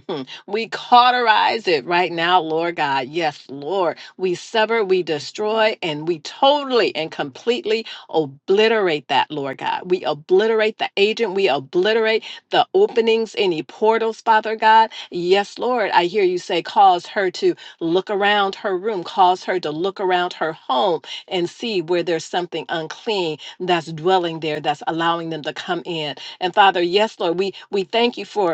we cauterize it right now, Lord God. Yes, Lord. We sever, we destroy, and we totally and completely Obliterate that, Lord God. We obliterate the agent. We obliterate the openings, any portals, Father God. Yes, Lord, I hear you say, cause her to look around her room, cause her to look around her home and see where there's something unclean that's dwelling there, that's allowing them to come in. And Father, yes, Lord, we, we thank you for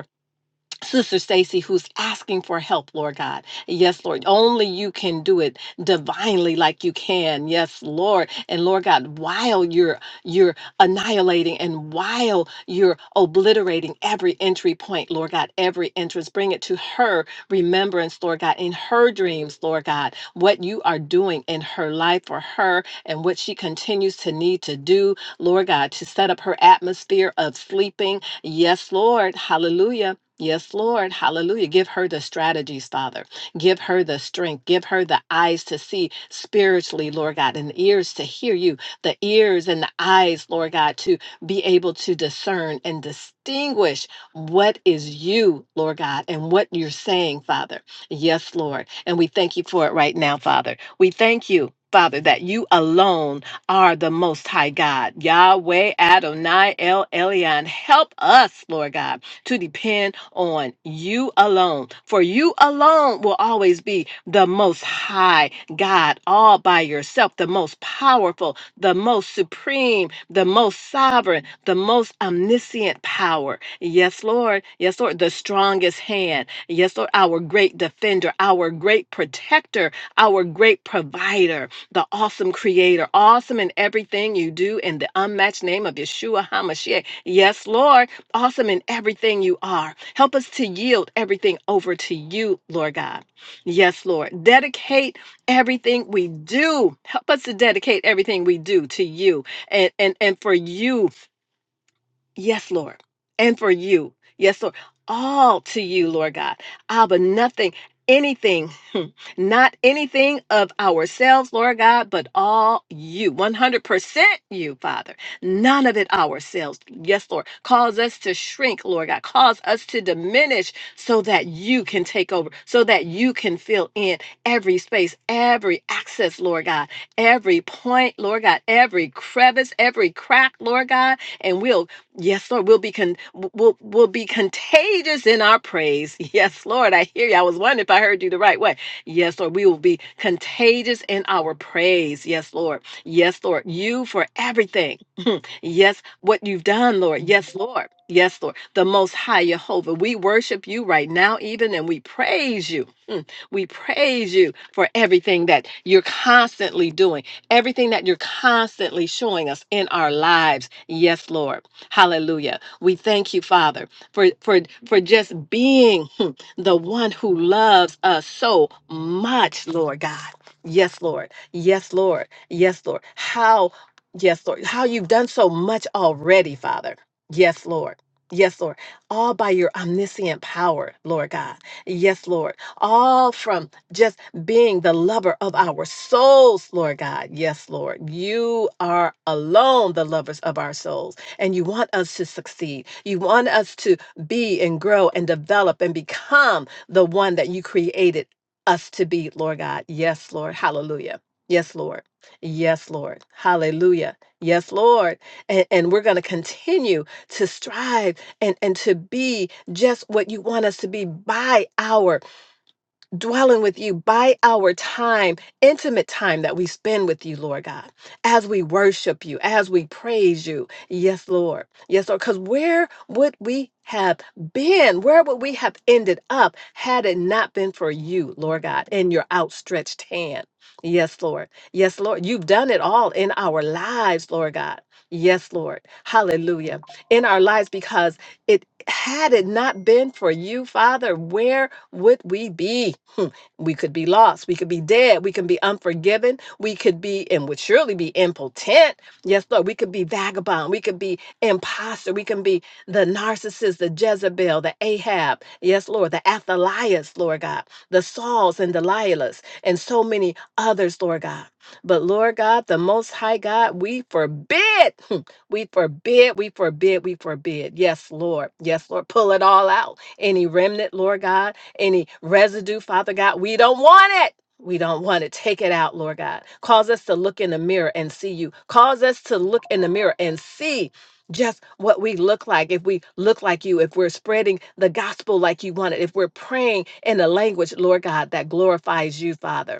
Sister Stacy, who's asking for help, Lord God. Yes, Lord. Only you can do it divinely like you can. Yes, Lord. And Lord God, while you're you're annihilating and while you're obliterating every entry point, Lord God, every entrance, bring it to her remembrance, Lord God, in her dreams, Lord God, what you are doing in her life for her and what she continues to need to do, Lord God, to set up her atmosphere of sleeping. Yes, Lord. Hallelujah Yes, Lord. Hallelujah. Give her the strategies, Father. Give her the strength. Give her the eyes to see spiritually, Lord God, and the ears to hear you, the ears and the eyes, Lord God, to be able to discern and distinguish what is you, Lord God, and what you're saying, Father. Yes, Lord. And we thank you for it right now, Father. We thank you. Father, that you alone are the Most High God. Yahweh Adonai El Elyon. Help us, Lord God to depend on you alone, for you alone will always be the most high God all by yourself, the most powerful, the most supreme, the most sovereign, the most omniscient power. Yes, Lord. Yes, Lord. The strongest hand. Yes, Lord. Our great defender, our great protector, our great provider, the awesome creator, awesome in everything you do in the unmatched name of Yeshua HaMashiach. Yes, Lord awesome in everything you are. Help us to yield everything over to you, Lord God. Yes, Lord. Dedicate everything we do. Help us to dedicate everything we do to you and, and, and for you Yes, Lord. And for you. Yes, Lord. All to you, Lord God. Abba, nothing, anything, not anything of ourselves, Lord God, but all you, 100% you, Father. None of it ourselves. Yes, Lord. Cause us to shrink, Lord God. Cause us to diminish so that you can take over, so that you can fill in every space, every access, Lord God, every point, Lord God, every crevice, every crack, Lord God and we'll Yes, Lord, we'll be con- we'll we'll be contagious in our praise. Yes, Lord, I hear you. I was wondering if I heard you the right way. Yes, Lord, we will be contagious in our praise. Yes, Lord. Yes, Lord, you for everything. yes, what you've done, Lord. Yes, Lord. Yes, Lord. The Most High Jehovah. We worship you right now, even, and we praise you. Mm. We praise you for everything that you're constantly doing, everything that you're constantly showing us in our lives. Yes, Lord. Hallelujah. We thank you, Father, for for for just being hmm, the one who loves us so much, Lord God. Yes, Lord. Yes, Lord. Yes, Lord. How yes, Lord. How you've done so much already, Father. Yes, Lord. Yes, Lord. All by your omniscient power, Lord God. Yes, Lord. All from just being the lover of our souls, Lord God. Yes, Lord. You are alone the lovers of our souls and you want us to succeed. You want us to be and grow and develop and become the one that you created us to be, Lord God. Yes, Lord. Hallelujah. Yes, Lord. Yes, Lord. Hallelujah. Yes, Lord. And, and we're going to continue to strive and, and to be just what you want us to be by our dwelling with you by our time, intimate time that we spend with you, Lord God, as we worship you, as we praise you. Yes, Lord. Yes, Lord. Because where would we have been? Where would we have ended up had it not been for you, Lord God, and your outstretched hand? Yes, Lord. Yes, Lord. You've done it all in our lives, Lord God. Yes, Lord. Hallelujah. In our lives because it had it not been for you, Father, where would we be? Hmm. We could be lost. We could be dead. We could be unforgiven. We could be and would surely be impotent. Yes, Lord. We could be vagabond. We could be imposter. We can be the narcissist, the Jezebel, the Ahab. Yes, Lord. The Athalias, Lord God. The Sauls and Delilahs and so many others, Lord God. But Lord God, the Most High God, we forbid. We forbid, we forbid, we forbid. Yes, Lord. Yes, Lord. Pull it all out. Any remnant, Lord God, any residue, Father God, we don't want it. We don't want it. Take it out, Lord God. Cause us to look in the mirror and see you. Cause us to look in the mirror and see just what we look like. If we look like you, if we're spreading the gospel like you want it, if we're praying in a language, Lord God, that glorifies you, Father.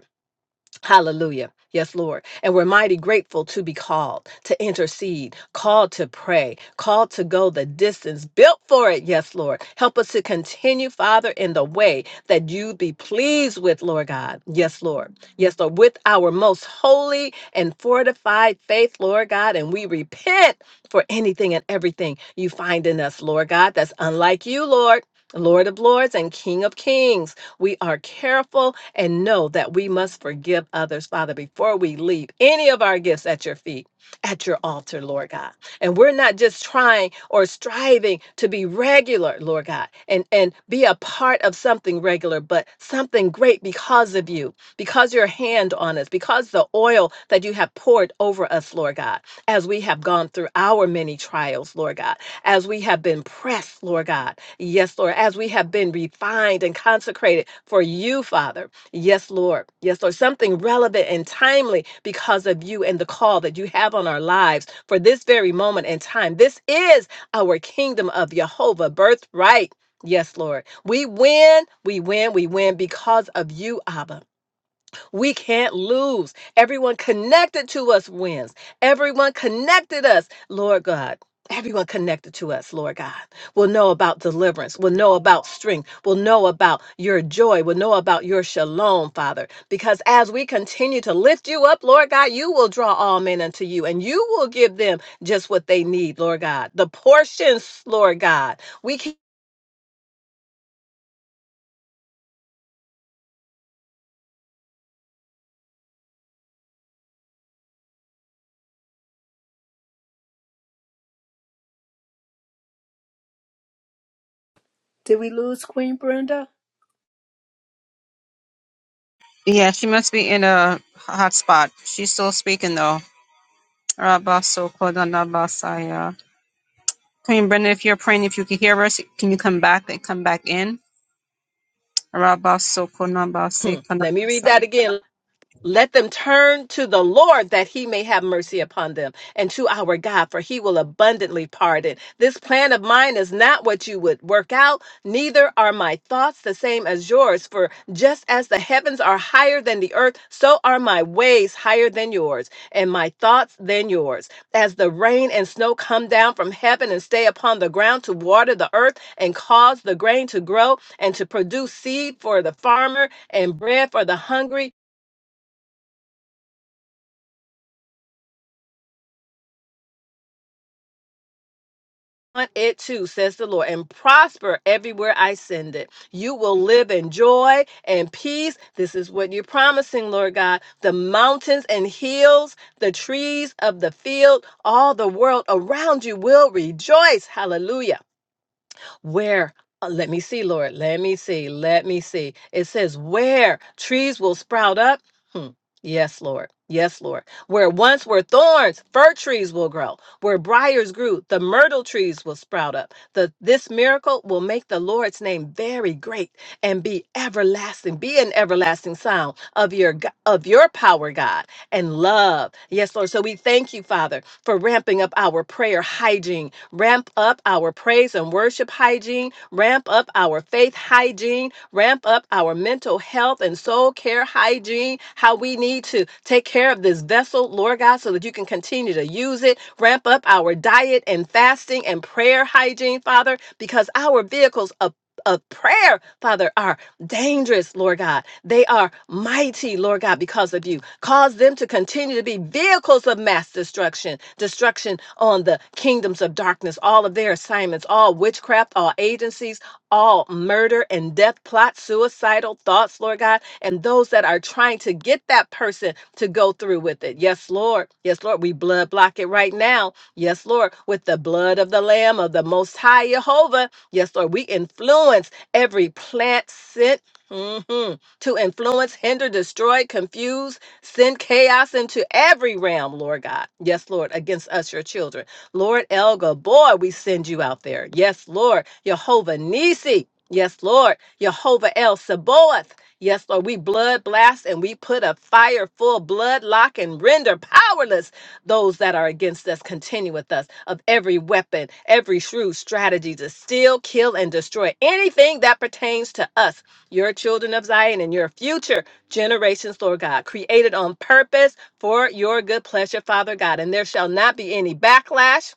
Hallelujah. Yes, Lord. And we're mighty grateful to be called to intercede, called to pray, called to go the distance, built for it. Yes, Lord. Help us to continue, Father, in the way that you be pleased with, Lord God. Yes, Lord. Yes, Lord. With our most holy and fortified faith, Lord God. And we repent for anything and everything you find in us, Lord God, that's unlike you, Lord. Lord of Lords and King of Kings. We are careful and know that we must forgive others, Father, before we leave any of our gifts at your feet, at your altar, Lord God. And we're not just trying or striving to be regular, Lord God, and, and be a part of something regular, but something great because of you, because your hand on us, because the oil that you have poured over us, Lord God, as we have gone through our many trials, Lord God as we have been pressed, Lord God. Yes, Lord, as we have been refined and consecrated for you, Father. Yes, Lord. Yes, Lord. Something relevant and timely because of you and the call that you have on our lives for this very moment in time. This is our kingdom of Jehovah birthright. Yes, Lord. We win, we win, we win because of you, Abba. We can't lose. Everyone connected to us wins. Everyone connected us, Lord God. Everyone connected to us, Lord God, will know about deliverance, will know about strength, will know about your joy, will know about your shalom, Father. Because as we continue to lift you up, Lord God, you will draw all men unto you and you will give them just what they need, Lord God. The portions, Lord God. We can-
Yeah, she must be in a hot spot. She's still speaking though. Rabaso Konanabasaya. Queen Brenda, if you're praying, if you can hear us, can you come back and come back in? Rabaso Konabase
let me read
Konabasa.
that again. Let them turn to the Lord that he may have mercy upon them and to our God, for he will abundantly pardon. This plan of mine is not what you would work out, neither are my thoughts the same as yours. For just as the heavens are higher than the earth, so are my ways higher than yours, and my thoughts than yours. As the rain and snow come down from heaven and stay upon the ground to water the earth and cause the grain to grow and to produce seed for the farmer and bread for the hungry, it too, says the Lord, and prosper everywhere I send it. You will live in joy and peace. This is what you're promising, Lord God. The mountains and hills, the trees of the field, all the world around you will rejoice. Hallelujah where uh, let me see lord let me see let me see it says where trees will sprout up hmm. yes lord yes lord where once were thorns fir trees will grow where briars grew the myrtle trees will sprout up the, this miracle will make the lord's name very great and be everlasting be an everlasting sound of your g- of your power god and love yes lord so we thank you father for ramping up our prayer hygiene ramp up our praise and worship hygiene, ramp up our faith hygiene, ramp up our mental health and soul care hygiene, how we need to take care of this vessel, Lord God, so that you can continue to use it, ramp up our diet and fasting and prayer hygiene, Father, because our vehicles of of prayer, Father, are dangerous, Lord God. They are mighty, Lord God, because of you. Cause them to continue to be vehicles of mass destruction, destruction on the kingdoms of darkness, all of their assignments, all witchcraft, all agencies, all murder and death plots, suicidal thoughts, Lord God, and those that are trying to get that person to go through with it. Yes, Lord. Yes, Lord. We blood block it right now. Yes, Lord. With the blood of the Lamb of the Most High Jehovah. Yes, Lord. We influence every plant sent. mhm, To influence, hinder, destroy, confuse, Send chaos into every realm, Lord God. Yes, Lord, against us, your children. Lord Elga, boy, we send you out there. Yes, Lord. Jehovah Nisi. Yes, Lord. Jehovah El Sabaoth. Yes, Lord. We blood blast and we put a fire full blood lock and render powerless those that are against us. Continue with us of every weapon, every shrewd strategy to steal, kill, and destroy anything that pertains to us, your children of Zion, and your future generations, Lord God, created on purpose for your good pleasure, Father God. And there shall not be any backlash,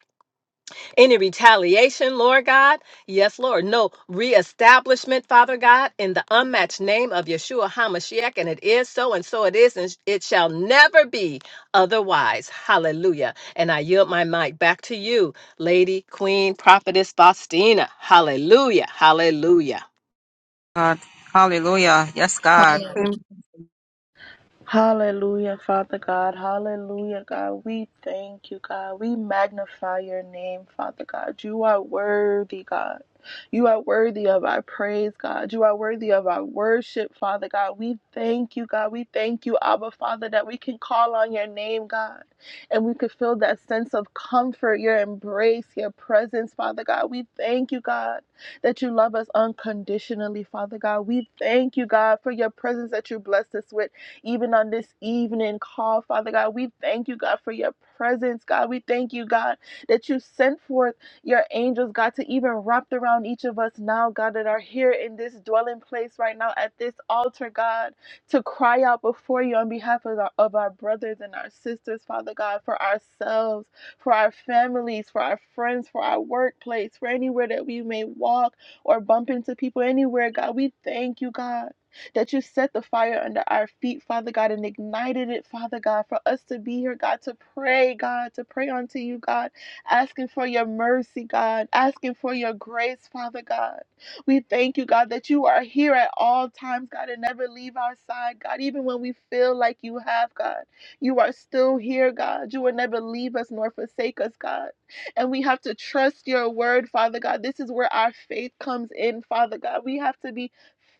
any retaliation, Lord God. Yes, Lord. No reestablishment, Father God, in the unmatched name of Yeshua HaMashiach. And it is so, and so it is, and it shall never be otherwise. Hallelujah. And I yield my mic back to you, Lady, Queen, Prophetess Faustina. Hallelujah. Hallelujah.
God. Hallelujah. Yes, God.
Hallelujah, Father God. Hallelujah, God. We thank you, God. We magnify your name, Father God. You are worthy, God. You are worthy of our praise, God. You are worthy of our worship, Father God. We thank you, God. We thank you, Abba, Father, that we can call on your name, God, and we can feel that sense of comfort, your embrace, your presence, Father God. We thank you, God, that you love us unconditionally, Father God. We thank you, God, for your presence that you blessed us with even on this evening call, Father God. We thank you, God, for your presence, God. We thank you, God, that you sent forth your angels, God, to even wrap around each of us now, God, that are here in this dwelling place right now at this altar, God, to cry out before you on behalf of our, of our brothers and our sisters, Father God, for ourselves, for our families, for our friends, for our workplace, for anywhere that we may walk or bump into people, anywhere, God. We thank you, God that you set the fire under our feet, Father God, and ignited it, Father God, for us to be here, God, to pray, God, to pray unto you, God, asking for your mercy, God, asking for your grace, Father God. We thank you, God, that you are here at all times, God, and never leave our side, God, even when we feel like you have, God. You are still here, God. You will never leave us nor forsake us, God. And we have to trust your word, Father God. This is where our faith comes in, Father God. We have to be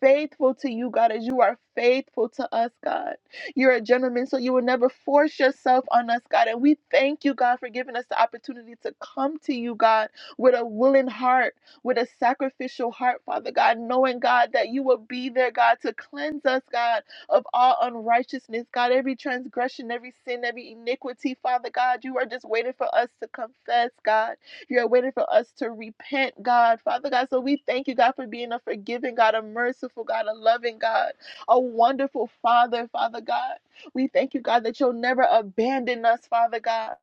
faithful to you, God, as you are faithful to us, God. You're a gentleman, so you will never force yourself on us, God. And we thank you, God, for giving us the opportunity to come to you, God, with a willing heart, with a sacrificial heart, Father God, knowing, God, that you will be there, God, to cleanse us, God, of all unrighteousness, God, every transgression, every sin, every iniquity, Father God. You are just waiting for us to confess, God. You're waiting for us to repent, God. Father God, so we thank you, God, for being a forgiving God, a merciful God, a loving God, a wonderful Father, Father God. We thank you, God, that you'll never abandon us, Father God.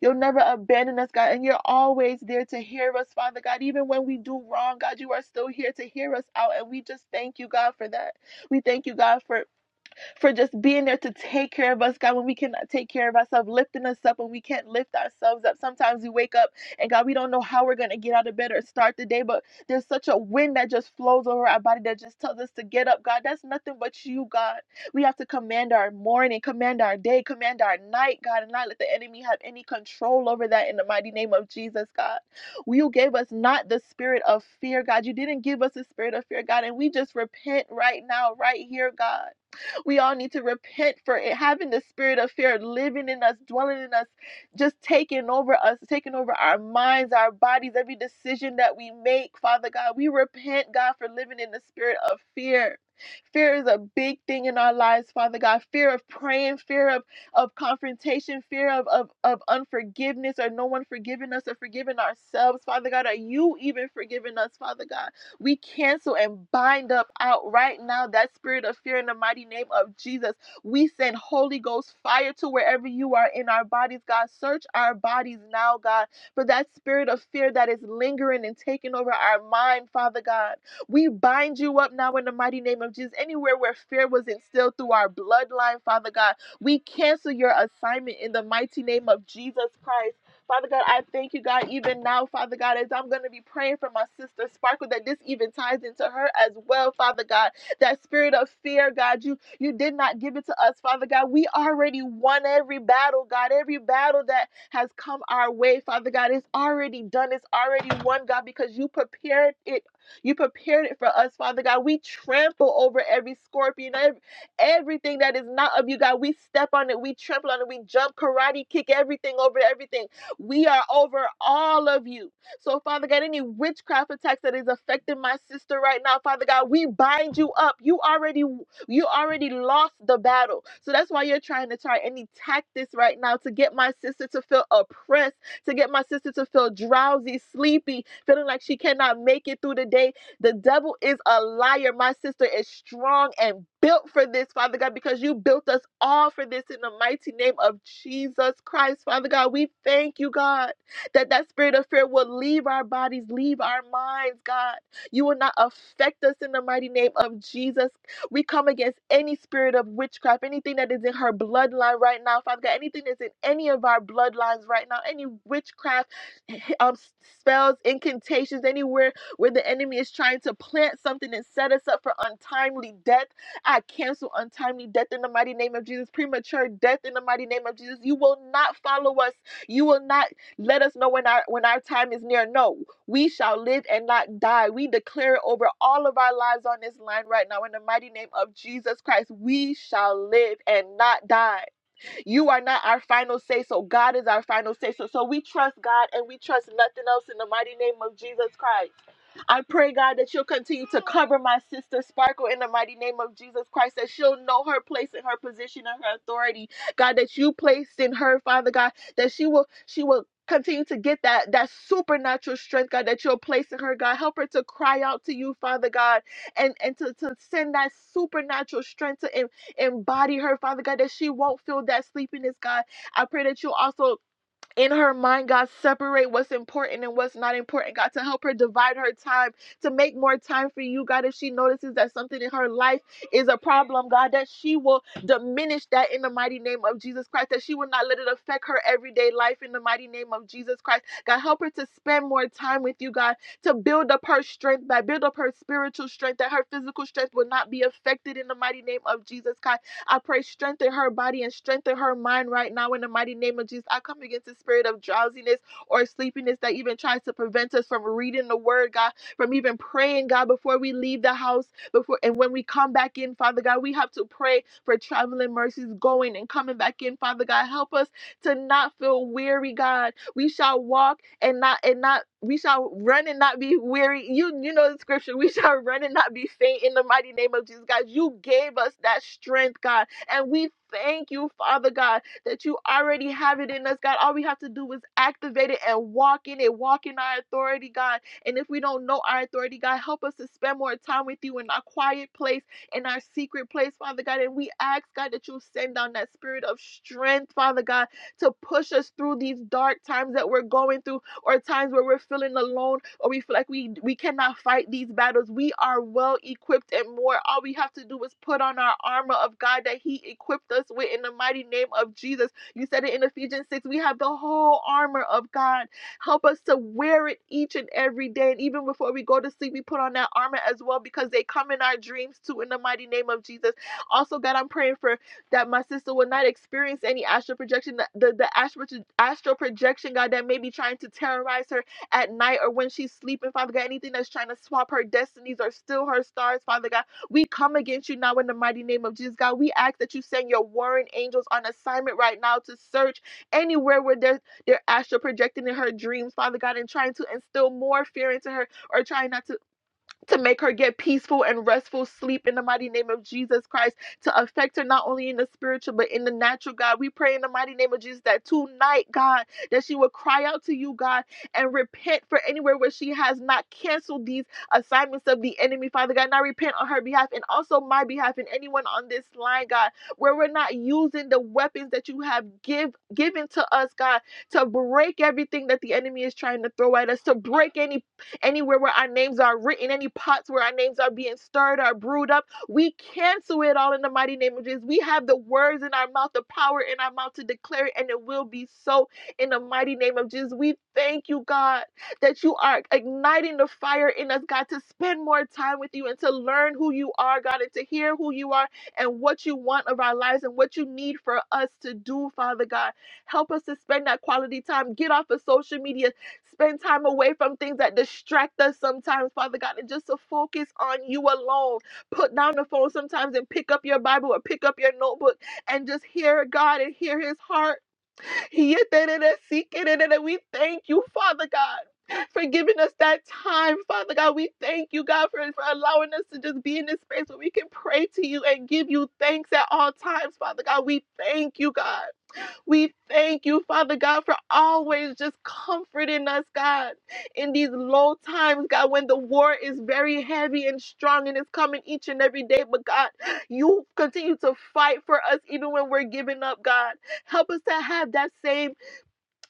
You'll never abandon us, God, and you're always there to hear us, Father God. Even when we do wrong, God, you are still here to hear us out, and we just thank you, God, for that. We thank you, God, for for just being there to take care of us, God, when we cannot take care of ourselves, lifting us up when we can't lift ourselves up. Sometimes we wake up and God, we don't know how we're going to get out of bed or start the day, but there's such a wind that just flows over our body that just tells us to get up. God, that's nothing but you, God. We have to command our morning, command our day, command our night, God, and not let the enemy have any control over that in the mighty name of Jesus, God. You gave us not the spirit of fear, God. You didn't give us the spirit of fear, God, and we just repent right now, right here, God. We all need to repent for it, having the spirit of fear living in us, dwelling in us, just taking over us, taking over our minds, our bodies, every decision that we make, Father God. We repent, God, for living in the spirit of fear. Fear is a big thing in our lives, Father God. Fear of praying, fear of, of confrontation, fear of, of, of unforgiveness, or no one forgiving us or forgiving ourselves, Father God. Are you even forgiving us, Father God? We cancel and bind up out right now that spirit of fear in the mighty name of Jesus. We send Holy Ghost fire to wherever you are in our bodies, God. Search our bodies now, God, for that spirit of fear that is lingering and taking over our mind, Father God. We bind you up now in the mighty name of Jesus. Anywhere where fear was instilled through our bloodline, Father God, we cancel your assignment in the mighty name of Jesus Christ. Father God, I thank you, God, even now, Father God, as I'm going to be praying for my sister Sparkle, that this even ties into her as well, Father God. That spirit of fear, God, you you did not give it to us, Father God. We already won every battle, God. Every battle that has come our way, Father God, it's already done. It's already won, God, because you prepared it. You prepared it for us, Father God. We trample over every scorpion, every, everything that is not of you, God. We step on it, we trample on it, we jump, karate kick everything over everything. We are over all of you. So, Father God, any witchcraft attacks that is affecting my sister right now, Father God, we bind you up. You already you already lost the battle. So that's why you're trying to try any tactics right now to get my sister to feel oppressed, to get my sister to feel drowsy, sleepy, feeling like she cannot make it through the day the devil is a liar. My sister is strong and built for this, Father God, because you built us all for this in the mighty name of Jesus Christ, Father God. We thank you, God, that that spirit of fear will leave our bodies, leave our minds, God. You will not affect us in the mighty name of Jesus. We come against any spirit of witchcraft, anything that is in her bloodline right now, Father God, anything that's in any of our bloodlines right now, any witchcraft um, spells, incantations, anywhere where the enemy is trying to plant something and set us up for untimely death. I cancel untimely death in the mighty name of Jesus, premature death in the mighty name of Jesus. You will not follow us. You will not let us know when our when our time is near. No, we shall live and not die. We declare it over all of our lives on this line right now in the mighty name of Jesus Christ. We shall live and not die. You are not our final say so. God is our final say so. So we trust God and we trust nothing else in the mighty name of Jesus Christ. I pray, God, that you'll continue to cover my sister Sparkle in the mighty name of Jesus Christ, that she'll know her place and her position and her authority. God, that you placed in her, Father God, that she will she will continue to get that that supernatural strength, God, that you'll place in her, God. Help her to cry out to you, Father God, and and to, to send that supernatural strength to Embody her, Father God, that she won't feel that sleepiness, God. I pray that you also in her mind, God, separate what's important and what's not important, God, to help her divide her time, to make more time for you, God. If she notices that something in her life is a problem, God, that she will diminish that in the mighty name of Jesus Christ, that she will not let it affect her everyday life in the mighty name of Jesus Christ. God, help her to spend more time with you, God, to build up her strength, God, build up her spiritual strength, that her physical strength will not be affected in the mighty name of Jesus, Christ. I pray strengthen her body and strengthen her mind right now in the mighty name of Jesus. I come against the spirit of drowsiness or sleepiness that even tries to prevent us from reading the word, God, from even praying, God, before we leave the house, before and when we come back in, Father God, we have to pray for traveling mercies going and coming back in, Father God. Help us to not feel weary, God. We shall walk and not and not we shall run and not be weary. You you know the scripture. We shall run and not be faint in the mighty name of Jesus, God. You gave us that strength, God, and we thank you, Father God, that you already have it in us, God. All we have to do is activate it and walk in it, walk in our authority, God. And if we don't know our authority, God, help us to spend more time with you in our quiet place, in our secret place, Father God. And we ask, God, that you send down that spirit of strength, Father God, to push us through these dark times that we're going through or times where we're feeling alone or we feel like we we cannot fight these battles, we are well equipped and more. All we have to do is put on our armor of God that He equipped us with in the mighty name of Jesus. You said it in Ephesians 6. We have the whole armor of God. Help us to wear it each and every day. And even before we go to sleep, we put on that armor as well because they come in our dreams too in the mighty name of Jesus. Also, God, I'm praying for that my sister will not experience any astral projection, that- the, the astral, proj- astral projection, God, that may be trying to terrorize her at night or when she's sleeping, Father God, anything that's trying to swap her destinies or steal her stars, Father God, we come against you now in the mighty name of Jesus, God. We ask that you send your warring angels on assignment right now to search anywhere where they're, they're astral projecting in her dreams, Father God, and trying to instill more fear into her or trying not to to make her get peaceful and restful sleep in the mighty name of Jesus Christ, to affect her not only in the spiritual but in the natural, God. We pray in the mighty name of Jesus that tonight, God, that she will cry out to you, God, and repent for anywhere where she has not canceled these assignments of the enemy, Father God. And I repent on her behalf and also my behalf and anyone on this line, God, where we're not using the weapons that you have give given to us, God, to break everything that the enemy is trying to throw at us, to break any anywhere where our names are written, any pots where our names are being stirred or brewed up. We cancel it all in the mighty name of Jesus. We have the words in our mouth, the power in our mouth to declare it, and it will be so in the mighty name of Jesus. We thank you, God, that you are igniting the fire in us, God, to spend more time with you and to learn who you are, God, and to hear who you are and what you want of our lives and what you need for us to do, Father God. Help us to spend that quality time. Get off of social media Spend time away from things that distract us sometimes, Father God, and just to focus on you alone. Put down the phone sometimes and pick up your Bible or pick up your notebook and just hear God and hear his heart. We thank you, Father God. For giving us that time, Father God. We thank you, God, for, for allowing us to just be in this space where we can pray to you and give you thanks at all times, Father God. We thank you, God. We thank you, Father God, for always just comforting us, God, in these low times, God, when the war is very heavy and strong and it's coming each and every day. But God, you continue to fight for us even when we're giving up, God. Help us to have that same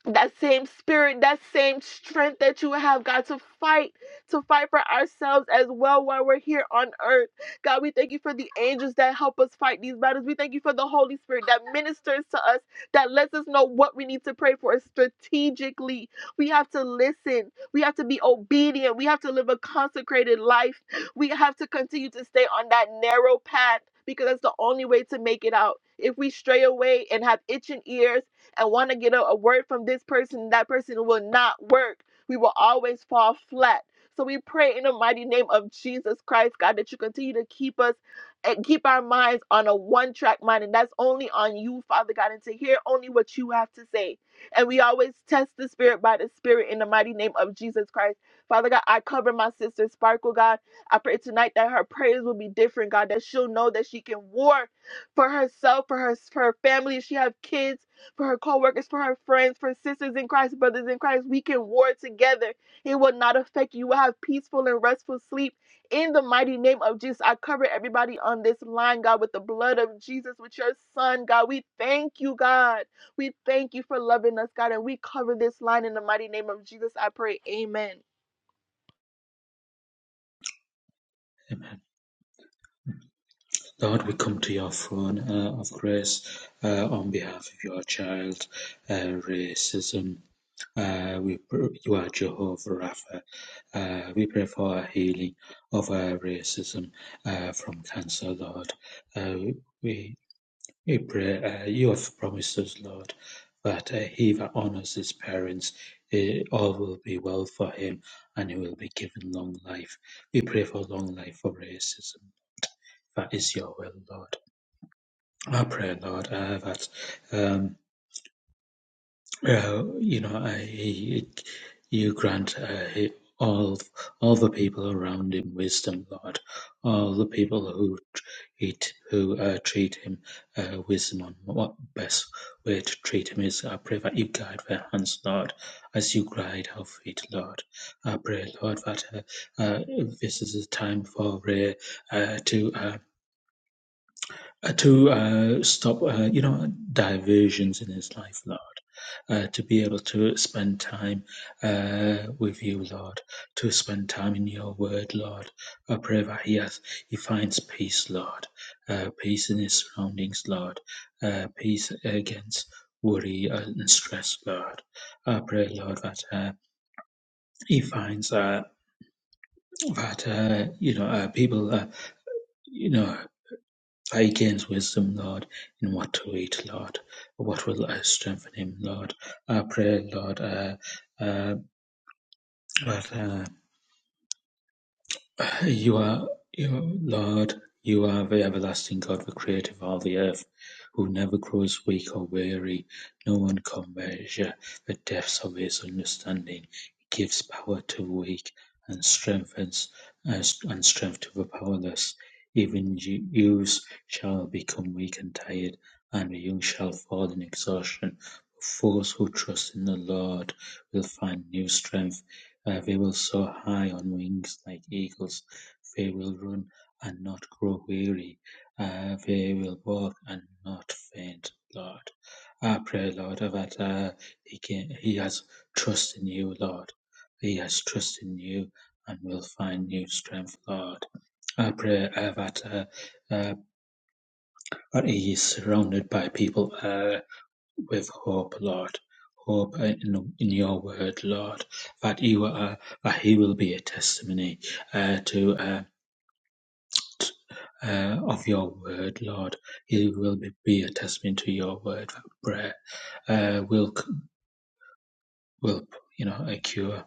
that same spirit, that same strength that you have, God, to fight, to fight for ourselves as well while we're here on earth. God, we thank you for the angels that help us fight these battles. We thank you for the Holy Spirit that ministers to us, that lets us know what we need to pray for strategically. We have to listen. We have to be obedient. We have to live a consecrated life. We have to continue to stay on that narrow path because that's the only way to make it out. If we stray away and have itching ears, I want to get a, a word from this person, that person will not work. We will always fall flat. So we pray in the mighty name of Jesus Christ, God, that you continue to keep us and keep our minds on a one track mind. And that's only on you, Father God, and to hear only what you have to say. And we always test the spirit by the spirit in the mighty name of Jesus Christ. Father God, I cover my sister Sparkle, God. I pray tonight that her prayers will be different, God, that she'll know that she can war for herself, for her, for her family. If she have kids, for her coworkers, for her friends, for sisters in Christ, brothers in Christ. We can war together. It will not affect you. You will have peaceful and restful sleep. In the mighty name of Jesus, I cover everybody on this line, God, with the blood of Jesus, with your son, God. We thank you, God. We thank you for loving us, God. And we cover this line in the mighty name of Jesus. I pray. Amen.
Amen. Lord, we come to your throne uh, of grace uh, on behalf of your child, uh, racism. Uh, we you are Jehovah Rapha. Uh, we pray for a healing of our racism uh, from cancer, Lord. Uh, we we pray uh, you have promised us, Lord, that uh, he that honors his parents, eh, all will be well for him, and he will be given long life. We pray for long life for racism. That is your will, Lord. I pray, Lord, uh, that um, uh, you know I, you grant uh, all all the people around him wisdom, Lord. All the people who treat who uh, treat him uh, wisdom on what best way to treat him is. I pray that you guide their hands, Lord, as you guide our feet, Lord. I pray, Lord, that uh, uh, this is a time for uh, uh, to. Um, uh, to uh, stop, uh, you know, diversions in his life, Lord. Uh, to be able to spend time uh, with you, Lord, to spend time in your word, Lord. I pray that he, has, he finds peace, Lord, uh, peace in his surroundings, Lord, uh, peace against worry and stress, Lord. I pray, Lord, that uh, he finds uh, that, uh, you know, uh, people, uh, you know, I gained wisdom, Lord, in what to eat, Lord. What will I strengthen him, Lord? I pray, Lord, uh, uh, that, uh, You are, you are Lord, you are the everlasting God, the creator of all the earth, who never grows weak or weary. No one can measure the depths of his understanding. He gives power to the weak and strengthens uh, and strength to the powerless. Even you- youths shall become weak and tired, and the young shall fall in exhaustion. But those who trust in the Lord will find new strength uh, they will soar high on wings like eagles. They will run and not grow weary. Uh, they will walk and not faint, Lord. I pray, Lord, that uh, he, can, he has trust in you, Lord. He has trust in you and will find new strength, Lord. I pray uh, that, uh, uh, that he is surrounded by people. Uh, with hope, Lord. Hope in, in your word, Lord, that you are, that he will be a testimony uh, to uh, uh, of your word, Lord. He will be, be a testimony to your word. That prayer uh, will c- will you know a cure.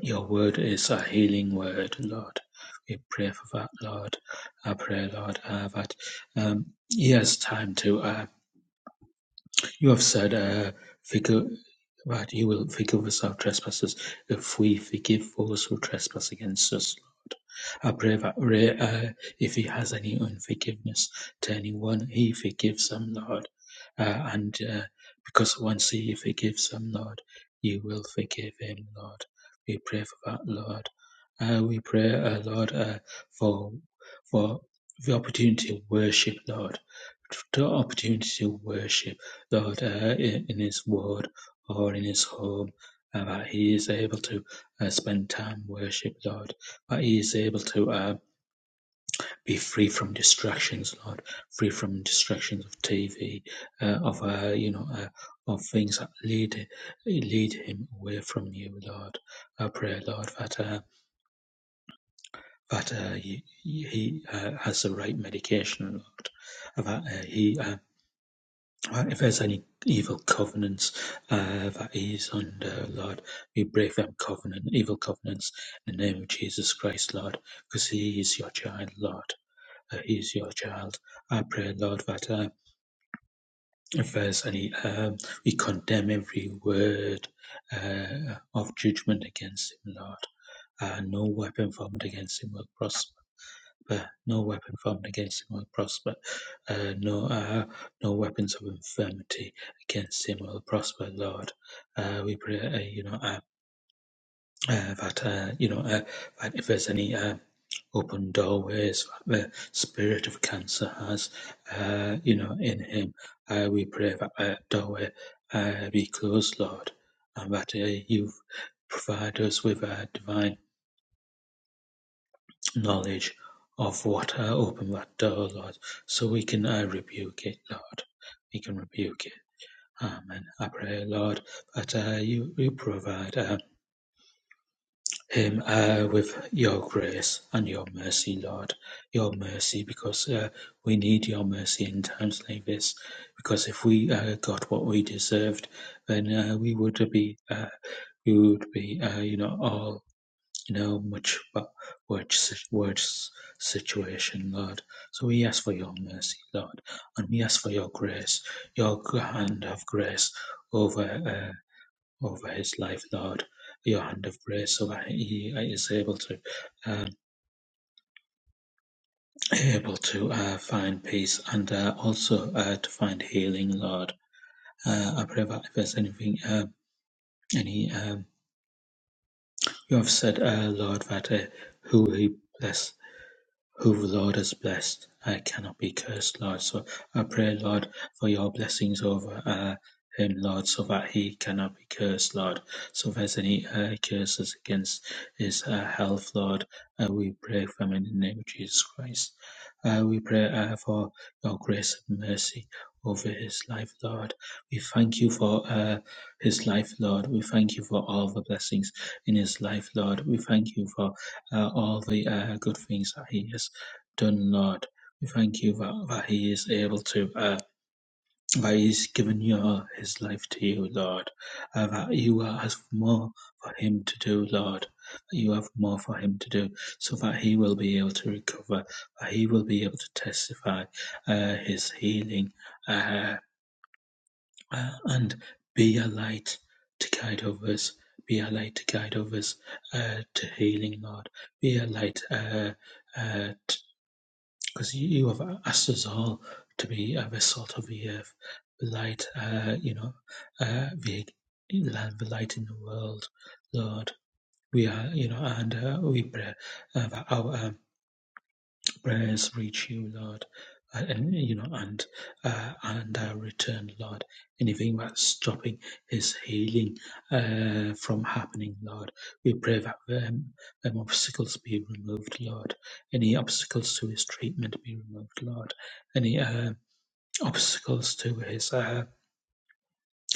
Your word is a healing word, Lord. We pray for that, Lord. I pray, Lord, uh, that um, he has time to. Uh, You have said, uh, forgive, that you will forgive us our trespasses if we forgive those who trespass against us. Lord. I pray that Ray, uh, if he has any unforgiveness to anyone, he forgives them, Lord. Uh, and uh, because once he forgives them, Lord, you will forgive him, Lord. We pray for that, Lord. Uh, we pray, uh, Lord, uh, for for the opportunity to worship, Lord. The opportunity to worship that uh, in, his word or in his home uh, that he is able to uh, spend time worship lord that he is able to uh, be free from distractions lord free from distractions of tv uh, of uh, you know uh, of things that lead lead him away from you lord i pray lord that uh, that uh, he, he uh, has the right medication lord that uh, he uh, Uh, If there's any evil covenants uh, that is under, Lord, we break them covenant, evil covenants in the name of Jesus Christ, Lord, because He is your child, Lord. Uh, he is your child. I pray, Lord, that uh, if there's any, um, we condemn every word uh, of judgment against Him, Lord. Uh, no weapon formed against Him will prosper uh, no weapon formed against him will prosper. Uh, no, uh, no weapons of infirmity against him will prosper, Lord. Uh, we pray, uh, you know, uh, uh, that uh, you know uh, that if there's any uh, open doorways that the spirit of cancer has, uh, you know, in him, uh, we pray that that doorway uh, be closed, Lord, and that uh, you provide us with uh, divine. knowledge of what uh, open that door, Lord, so we can uh, rebuke it, Lord. We can rebuke it. Amen. I pray, Lord, that uh, you, you provide uh, him uh, with your grace and your mercy, Lord. Your mercy, because uh, we need your mercy in times like this. Because if we uh, got what we deserved, then uh, we would be uh, we would be uh, you know all you know much about which, si- which situation, Lord. So we ask for your mercy, Lord, and we ask for your grace, your g- hand of grace over uh, over his life, Lord. Your hand of grace, so that he is able to um, able to uh, find peace and uh, also uh, to find healing, Lord. Uh, I pray that if there's anything, um any um, you have said, uh, Lord, that uh, who he bless Who the Lord has blessed, I cannot be cursed, Lord. So I pray, Lord, for your blessings over uh, him, Lord, so that he cannot be cursed, Lord. So if there's any uh, curses against his uh, health, Lord, uh, we pray for him in the name of Jesus Christ. Uh, we pray uh, for your grace and mercy over his life, Lord. We thank you for uh, his life, Lord. We thank you for all the blessings in his life, Lord. We thank you for uh, all the uh, good things that he has done, Lord. We thank you that, that He is able to, uh, that He's given you uh, His life to you, Lord. Uh, that you uh, have more for Him to do, Lord. That you have more for Him to do, so that He will be able to recover, that He will be able to testify uh, His healing uh, uh, and be a light to guide others. Be a light to guide others uh, to healing, Lord. Be a light uh, uh, because you you have asked us all to be a vessel of the earth, the light, uh, you know, uh, the the light in the world, Lord. We are, you know, and uh, we pray uh, that our um, prayers reach you, Lord, and, you know, and uh, and uh, return, Lord. Anything that's stopping His healing uh, from happening, Lord, we pray that them, them obstacles be removed, Lord. Any obstacles to His treatment be removed, Lord. Any uh, obstacles to His uh,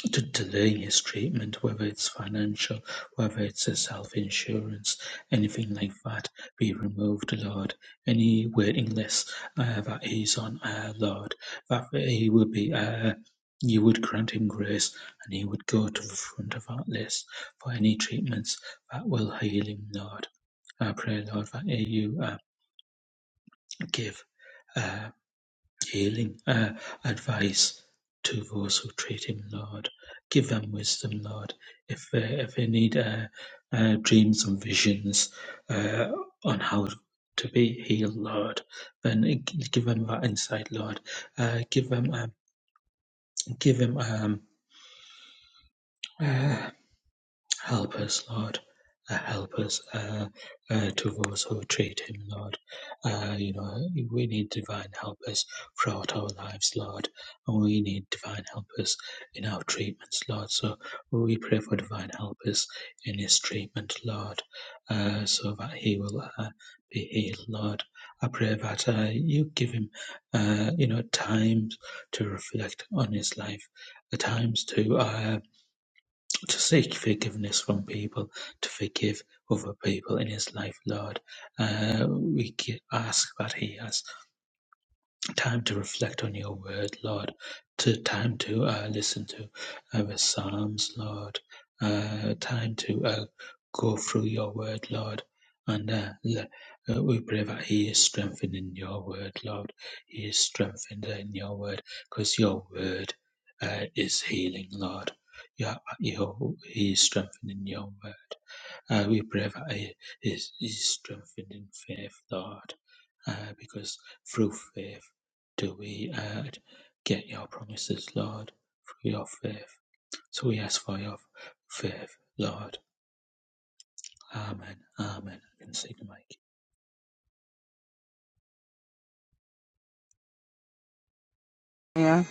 to delay his treatment, whether it's financial, whether it's a self-insurance, anything like that, be removed, Lord. Any waiting list uh, that he's on, uh, Lord, that he would be, uh, you would grant him grace, and he would go to the front of that list for any treatments that will heal him, Lord. I pray, Lord, that you uh, give. uh, healing uh, advice to those who treat him, Lord. Give them wisdom, Lord. If they, if they need uh, uh, dreams and visions uh, on how to be healed, Lord, then give them that insight, Lord. Uh, give them, um, give them um, uh, Help us, Lord. Uh, help us uh, uh, to those who treat him, Lord. Uh, you know, we need divine helpers throughout our lives, Lord. And we need divine helpers in our treatments, Lord. So we pray for divine helpers in his treatment, Lord, uh, so that he will uh, be healed, Lord. I pray that uh, you give him, uh, you know, times to reflect on his life, the times to uh, to seek forgiveness from people, to forgive other people in his life, Lord. Uh, we gi- ask that He has time to reflect on your word, Lord, to time to uh, listen to our psalms, Lord, uh, time to uh, go through your word, Lord. And uh, le- uh, we pray that He is strengthened in your word, Lord. He is strengthened in your word because your word uh, is healing, Lord. Your, your, he is strengthened in your word. Uh, we pray for a, is is strengthened in faith, Lord, uh, because through faith do we uh, get your promises, Lord, through your faith. So we ask for your faith, Lord. Amen. Amen. In the
Yeah,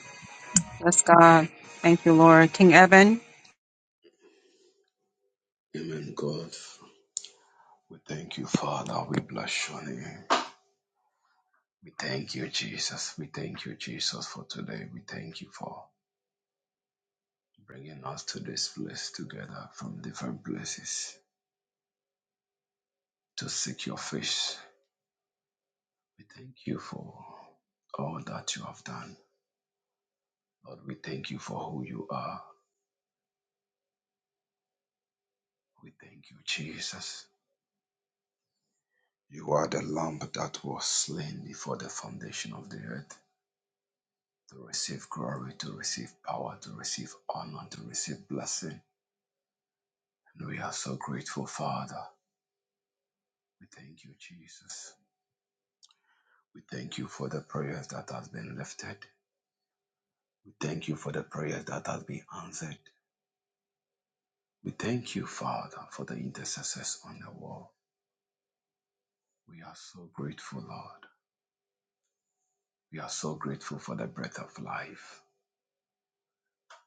yes, God. Thank you, Lord. King Evan.
Amen, God. We thank you, Father. We bless your name. We thank you, Jesus. We thank you, Jesus, for today. We thank you for bringing us to this place together from different places to seek your face. We thank you for all that you have done. Lord, we thank you for who you are. We thank you, Jesus. You are the lamb that was slain before the foundation of the earth to receive glory, to receive power, to receive honor, to receive blessing. And we are so grateful, Father. We thank you, Jesus. We thank you for the prayers that has been lifted. We thank you for the prayers that has been answered. We thank you, Father, for the intercessors on the wall. We are so grateful, Lord. We are so grateful for the breath of life,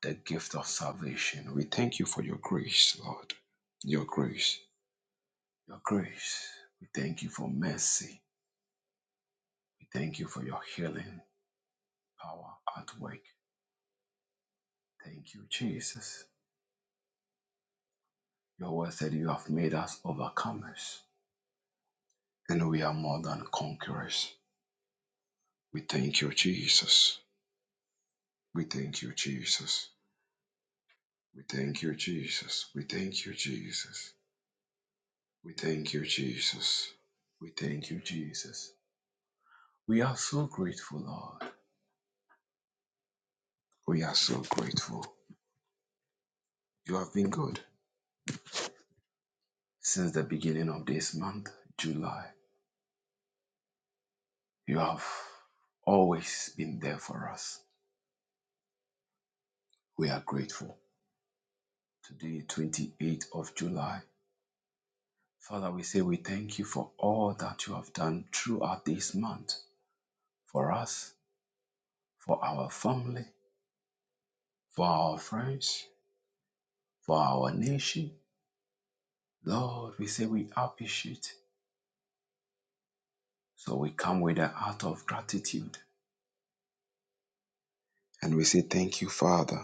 the gift of salvation. We thank you for your grace, Lord. Your grace. Your grace. We thank you for mercy. We thank you for your healing power at work. Thank you, Jesus. Your word said you have made us overcomers and we are more than conquerors. We thank you, Jesus. We thank you, Jesus. We thank you, Jesus. We thank you, Jesus. We thank you, Jesus. We thank you, Jesus. We are so grateful, Lord. We are so grateful. You have been good since the beginning of this month, July. You have always been there for us. We are grateful. Today, 28th of July. Father, we say we thank you for all that you have done throughout this month for us, for our family, for our friends, for our nation. Lord, we say we appreciate. So we come with an heart of gratitude and we say, Thank you, Father.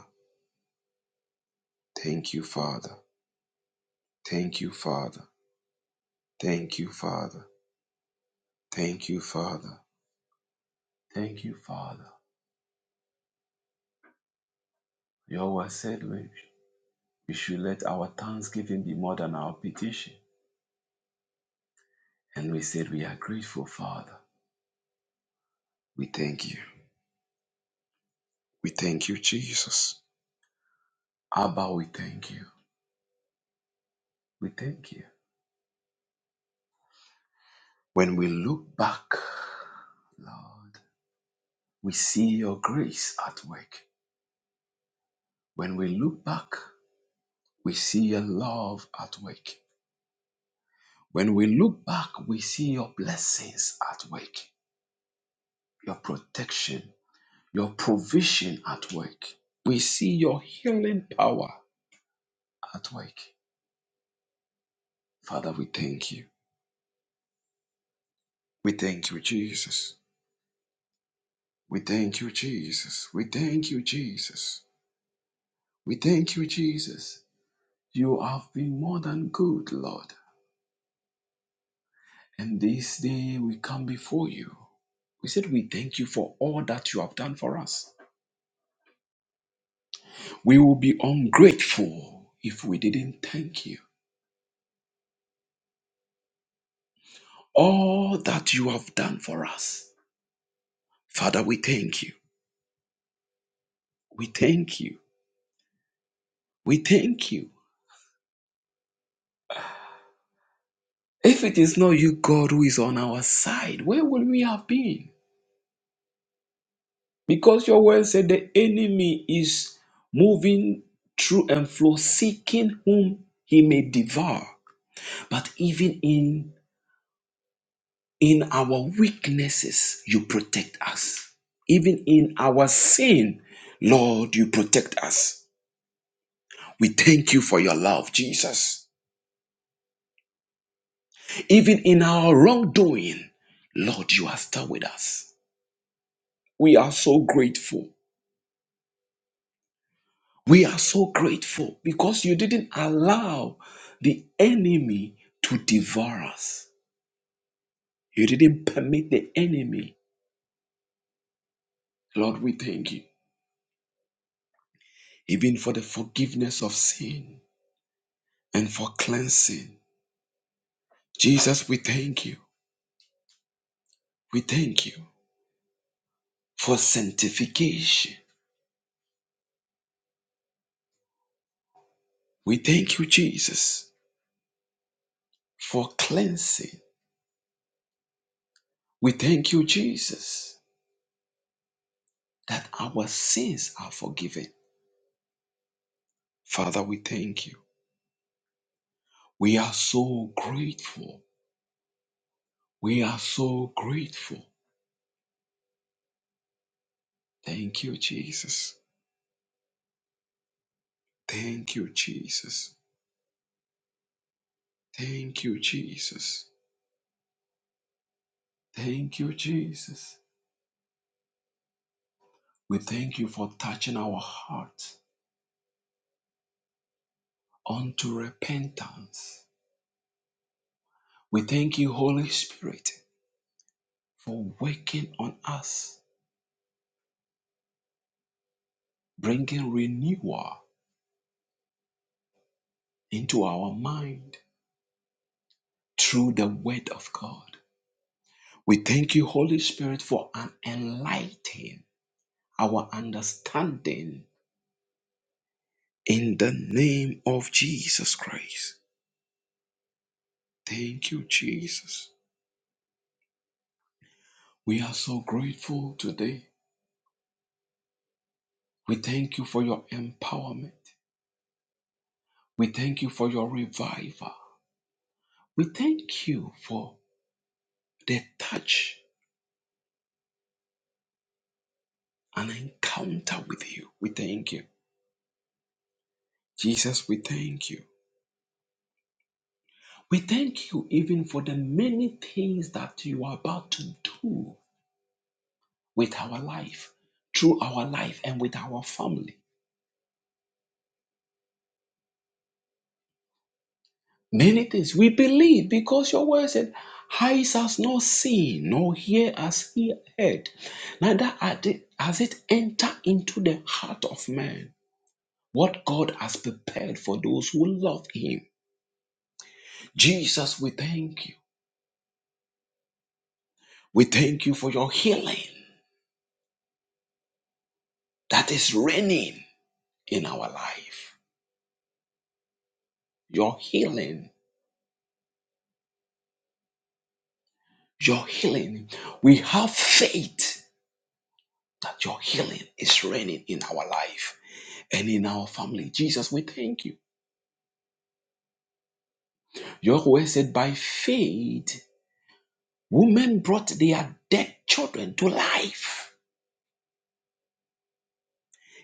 Thank you, Father. Thank you, Father. Thank you, Father. Thank you, Father. Thank you, Father. Your word said we we should let our thanksgiving be more than our petition. And we said, We are grateful, Father. We thank you. We thank you, Jesus. Abba, we thank you. We thank you. When we look back, Lord, we see your grace at work. When we look back, we see your love at work. When we look back, we see your blessings at work, your protection, your provision at work. We see your healing power at work. Father, we thank you. We thank you, Jesus. We thank you, Jesus. We thank you, Jesus. We thank you, Jesus. You have been more than good, Lord. And this day we come before you. We said we thank you for all that you have done for us. We will be ungrateful if we didn't thank you. All that you have done for us. Father, we thank you. We thank you. We thank you. If it is not you, God, who is on our side, where would we have been? Because your word said the enemy is moving through and flow, seeking whom he may devour. But even in in our weaknesses, you protect us. Even in our sin, Lord, you protect us. We thank you for your love, Jesus. Even in our wrongdoing, Lord, you are still with us. We are so grateful. We are so grateful because you didn't allow the enemy to devour us. You didn't permit the enemy. Lord, we thank you, even for the forgiveness of sin and for cleansing. Jesus, we thank you. We thank you for sanctification. We thank you, Jesus, for cleansing. We thank you, Jesus, that our sins are forgiven. Father, we thank you. We are so grateful We are so grateful. Thank you, Jesus. Thank you, Jesus. Thank you, Jesus. Thank you, Jesus. We thank you for touching our heart unto repentance. We thank you, Holy Spirit, for working on us, bringing renewal into our mind through the Word of God. We thank you, Holy Spirit, for enlightening our understanding in the name of Jesus Christ. Thank you, Jesus. We are so grateful today. We thank you for your empowerment. We thank you for your revival. We thank you for the touch and encounter with you. We thank you. Jesus, we thank you. We thank you even for the many things that you are about to do with our life, through our life, and with our family. Many things we believe because your word said, Eyes has not seen, nor ear has he heard, neither had it- has it entered into the heart of man what God has prepared for those who love him. Jesus, we thank you. We thank you for your healing that is reigning in our life. Your healing, your healing. We have faith that your healing is reigning in our life and in our family. Jesus, we thank you. Your word said, by faith, women brought their dead children to life.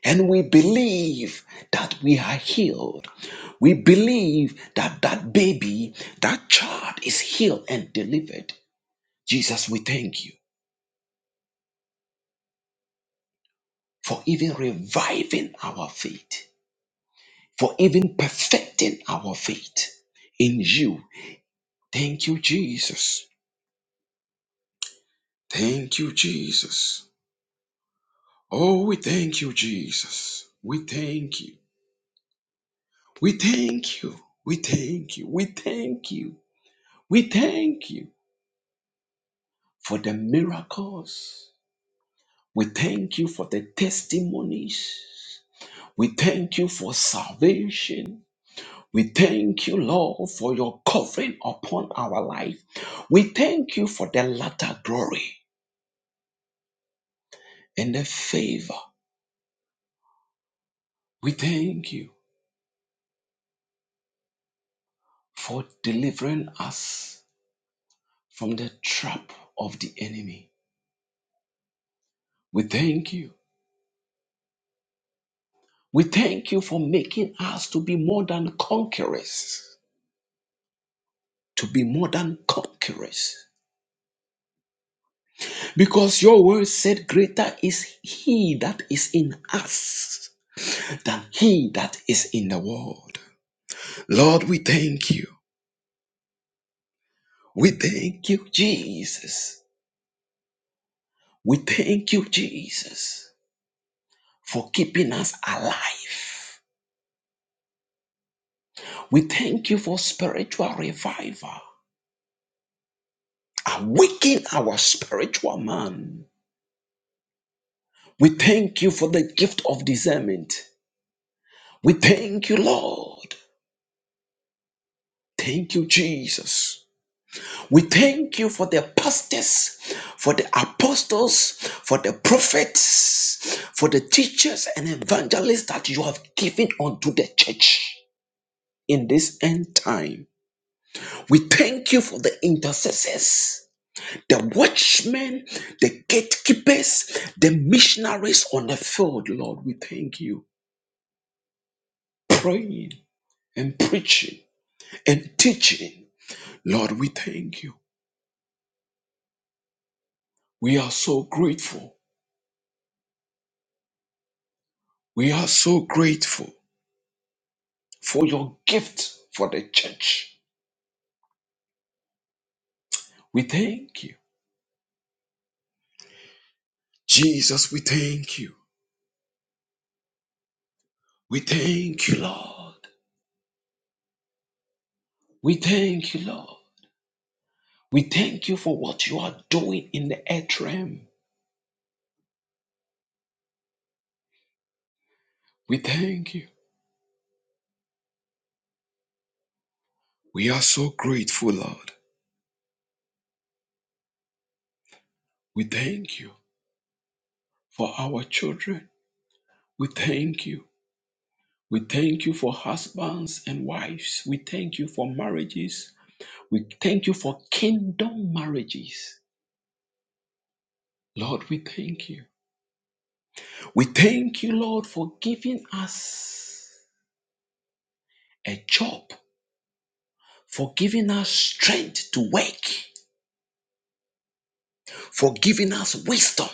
And we believe that we are healed. We believe that that baby, that child is healed and delivered. Jesus, we thank you for even reviving our faith, for even perfecting our faith in you. Thank you, Jesus. Thank you, Jesus. Oh, we thank you, Jesus. We thank you. We thank you. We thank you. We thank you. We thank you for the miracles. We thank you for the testimonies. We thank you for salvation. We thank you, Lord, for your covering upon our life. We thank you for the latter glory and the favor. We thank you for delivering us from the trap of the enemy. We thank you We thank you for making us to be more than conquerors, to be more than conquerors. Because your word said, Greater is he that is in us than he that is in the world. Lord, we thank you. We thank you, Jesus. We thank you, Jesus, for keeping us alive. We thank you for spiritual revival, awaken our spiritual man We thank you for the gift of discernment. We thank you, Lord. Thank you, Jesus. We thank you for the pastors, for the apostles, for the prophets, for the teachers and evangelists that you have given unto the church in this end time. We thank you for the intercessors, the watchmen, the gatekeepers, the missionaries on the field, Lord. We thank you. Praying and preaching and teaching. Lord, we thank you. We are so grateful. We are so grateful for your gift for the church. We thank you. Jesus, we thank you. We thank you, Lord. We thank you, Lord. We thank you for what you are doing in the earth realm. We thank you. We are so grateful, Lord. We thank you for our children. We thank you. We thank you for husbands and wives. We thank you for marriages. We thank you for kingdom marriages. Lord, we thank you. We thank you, Lord, for giving us a job, for giving us strength to work, for giving us wisdom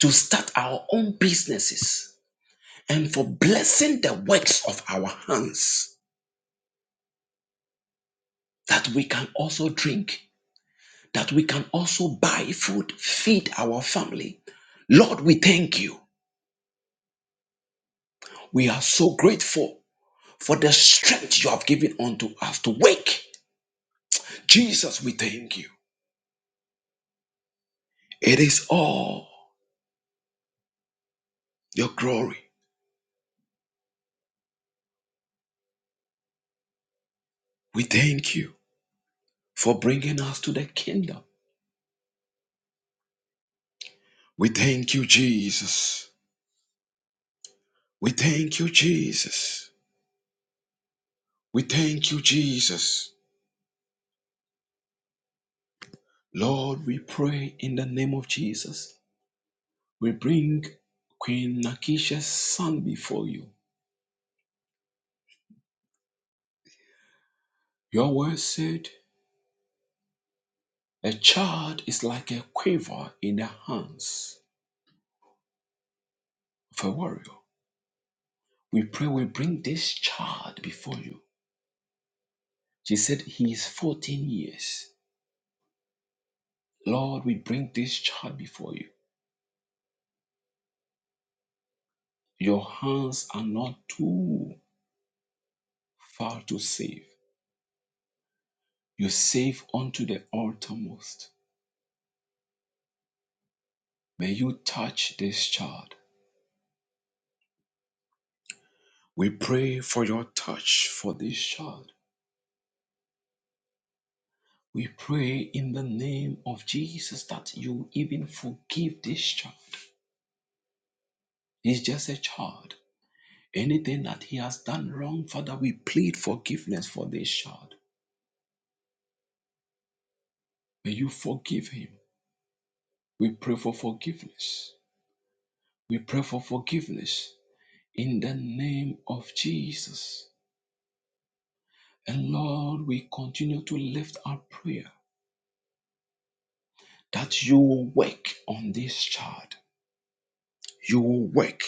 to start our own businesses, and for blessing the works of our hands that we can also drink, that we can also buy food, feed our family. Lord, we thank you. We are so grateful for the strength you have given unto us to wake. Jesus, we thank you. It is all your glory. We thank you for bringing us to the kingdom. We thank you, Jesus. We thank you, Jesus. We thank you, Jesus. Lord, we pray in the name of Jesus. We bring Queen Nakisha's son before you. Your word said, A child is like a quiver in the hands of a warrior. We pray we bring this child before you. She said, He is 14 years. Lord, we bring this child before you. Your hands are not too far to save. You save unto the uttermost. May you touch this child. We pray for your touch for this child. We pray in the name of Jesus that you even forgive this child. He's just a child. Anything that he has done wrong, Father, we plead forgiveness for this child. May you forgive him. We pray for forgiveness. We pray for forgiveness in the name of Jesus. And Lord, we continue to lift our prayer that you will work on this child. You will work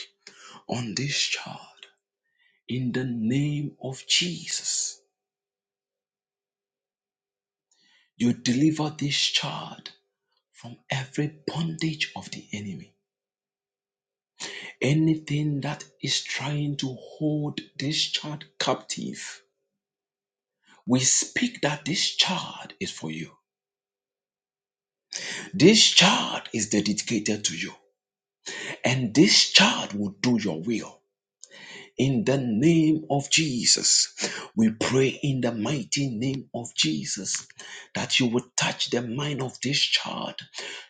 on this child in the name of Jesus. You deliver this child from every bondage of the enemy Anything that is trying to hold this child captive, we speak that this child is for you. This child is dedicated to you. And this child will do your will. In the name of Jesus, we pray in the mighty name of Jesus that you would touch the mind of this child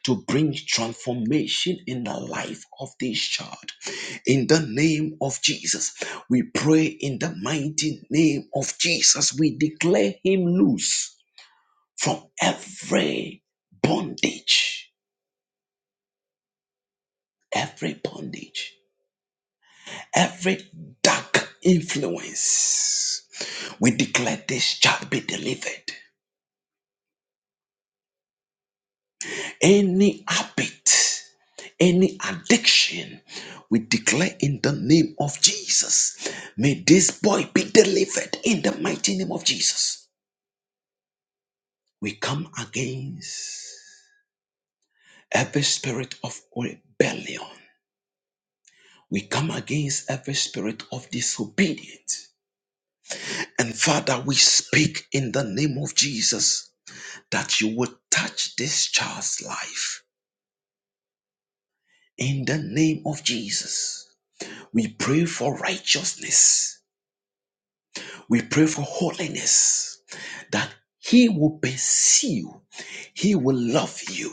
to bring transformation in the life of this child. In the name of Jesus, we pray in the mighty name of Jesus, we declare him loose from every bondage, every bondage, every dark influence We declare this shall be delivered. Any habit, any addiction, we declare in the name of Jesus. May this boy be delivered in the mighty name of Jesus. We come against every spirit of rebellion. We come against every spirit of disobedience. And Father, we speak in the name of Jesus that you would touch this child's life in the name of Jesus. We pray for righteousness. We pray for holiness that He will pursue, He will love you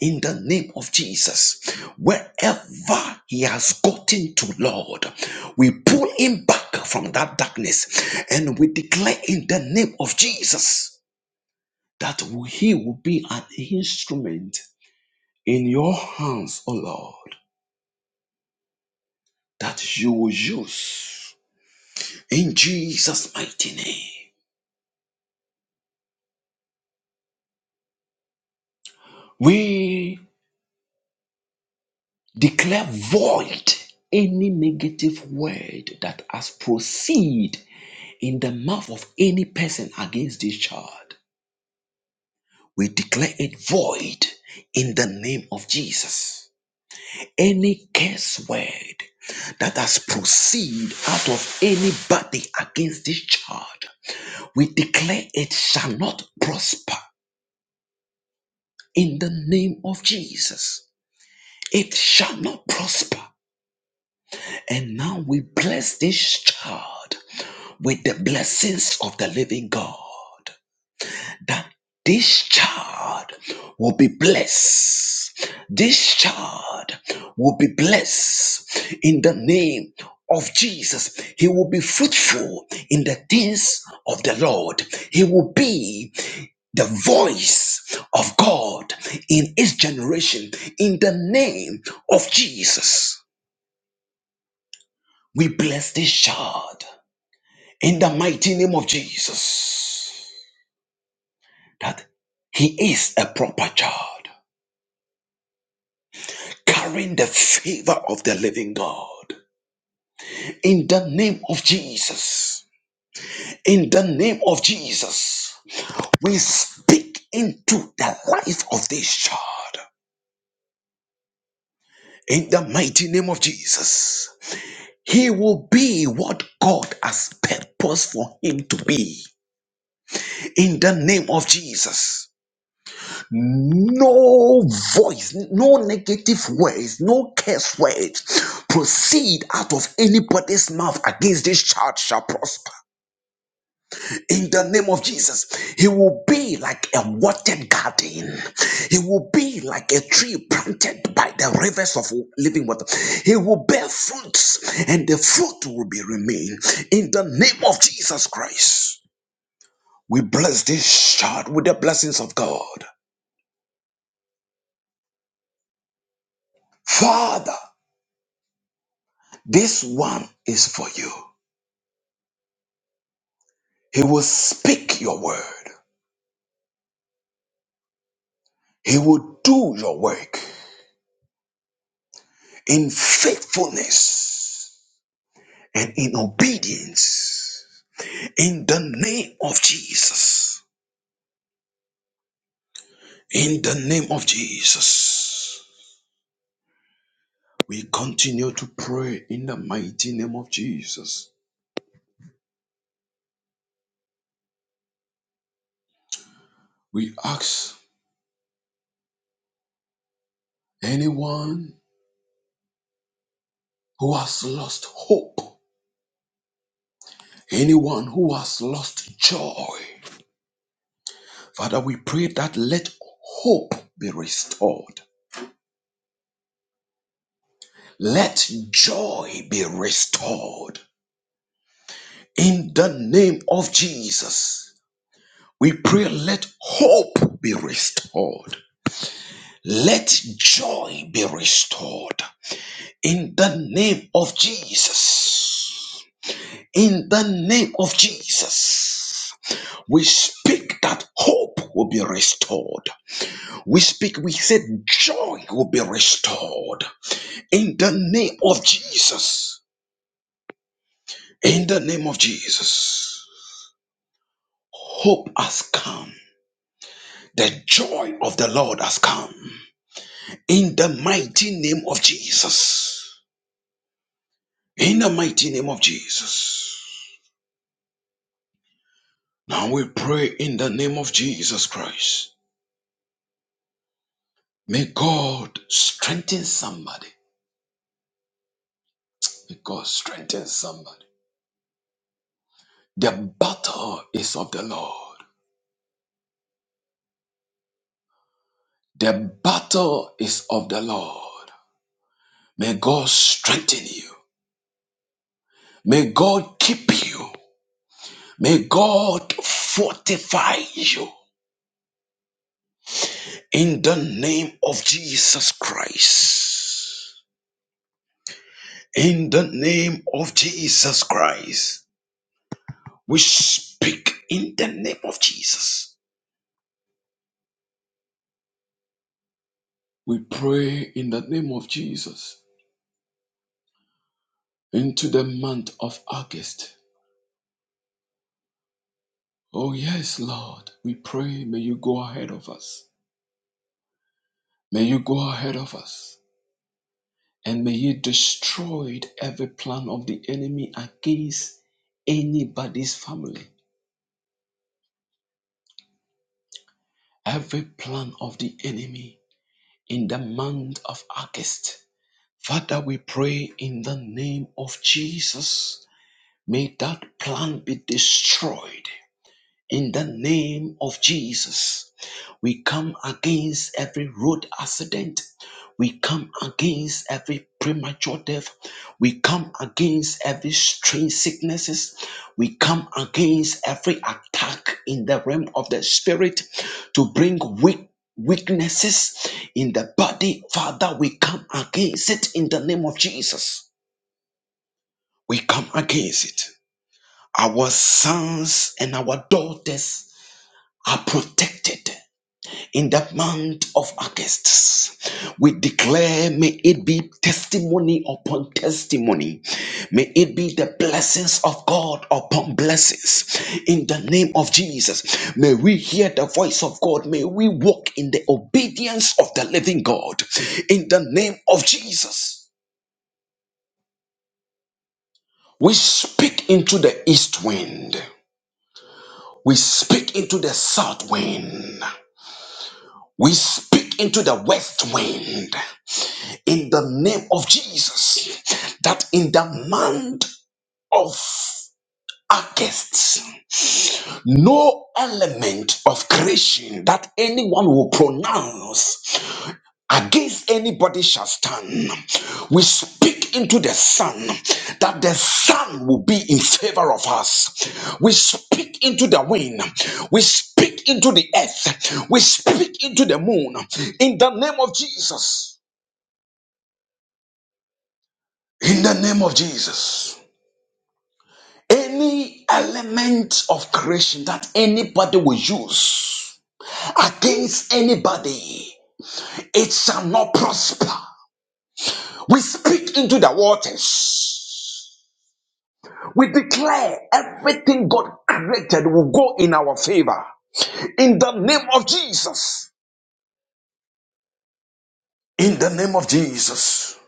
in the name of Jesus. Wherever He has gotten to, Lord, we pull Him back from that darkness and we declare in the name of Jesus that He will be an instrument in your hands, O Lord, that you will use in Jesus' mighty name. We declare void any negative word that has proceed in the mouth of any person against this child. We declare it void in the name of Jesus. Any curse word that has proceed out of anybody against this child, we declare it shall not prosper in the name of Jesus. It shall not prosper And now we bless this child with the blessings of the living God. That this child will be blessed. This child will be blessed in the name of Jesus. He will be fruitful in the things of the Lord. He will be the voice of God in his generation in the name of Jesus. We bless this child. in the mighty name of Jesus that he is a proper child, carrying the favor of the living God. In the name of Jesus, in the name of Jesus, we speak into the life of this child. In the mighty name of Jesus, he will be what God has purposed for him to be. In the name of Jesus. no voice, no negative words, no curse words proceed out of anybody's mouth against this child shall prosper. In the name of Jesus, he will be like a watered garden. He will be like a tree planted by the rivers of living water. He will bear fruits, and the fruit will be remain. In the name of Jesus Christ, we bless this child with the blessings of God. Father, This one is for you. He will speak your word. He will do your work in faithfulness and in obedience. In the name of Jesus. In the name of Jesus. We continue to pray in the mighty name of Jesus. We ask anyone who has lost hope, anyone who has lost joy, Father, we pray that let hope be restored. Let joy be restored. In the name of Jesus, we pray let hope be restored. Let joy be restored. In the name of Jesus. In the name of Jesus. We speak that hope will be restored. We speak, we said joy will be restored. in the name of Jesus. In the name of Jesus. Hope has come. The joy of the Lord has come. In the mighty name of Jesus. In the mighty name of Jesus. Now we pray in the name of Jesus Christ. May God strengthen somebody. May God strengthen somebody. The battle is of the Lord. The battle is of the Lord. May God strengthen you. May God keep you. May God fortify you in the name of Jesus Christ. In the name of Jesus Christ, we speak in the name of Jesus. We pray in the name of Jesus into the month of August. Oh, yes, Lord, we pray. May you go ahead of us. May you go ahead of us. And may you destroy every plan of the enemy against anybody's family. Every plan of the enemy in the month of August. Father, we pray in the name of Jesus. May that plan be destroyed. In the name of Jesus, we come against every road accident. We come against every premature death. We come against every strange sicknesses. We come against every attack in the realm of the spirit to bring weak weaknesses in the body. Father, we come against it in the name of Jesus. We come against it. Our sons and our daughters are protected. in the month of August. We declare, may it be testimony upon testimony. May it be the blessings of God upon blessings. In the name of Jesus, may we hear the voice of God. May we walk in the obedience of the living God. In the name of Jesus, we speak into the east wind. We speak into the south wind. We speak into the west wind. in the name of Jesus that in the month of August, no element of creation that anyone will pronounce against anybody shall stand. We speak into the sun that the sun will be in favor of us. We speak into the wind. We speak into the earth. We speak into the moon. In the name of Jesus. In the name of Jesus. Any element of creation that anybody will use against anybody, it shall not prosper. We speak into the waters. We declare everything God created will go in our favor. In the name of Jesus. In the name of Jesus.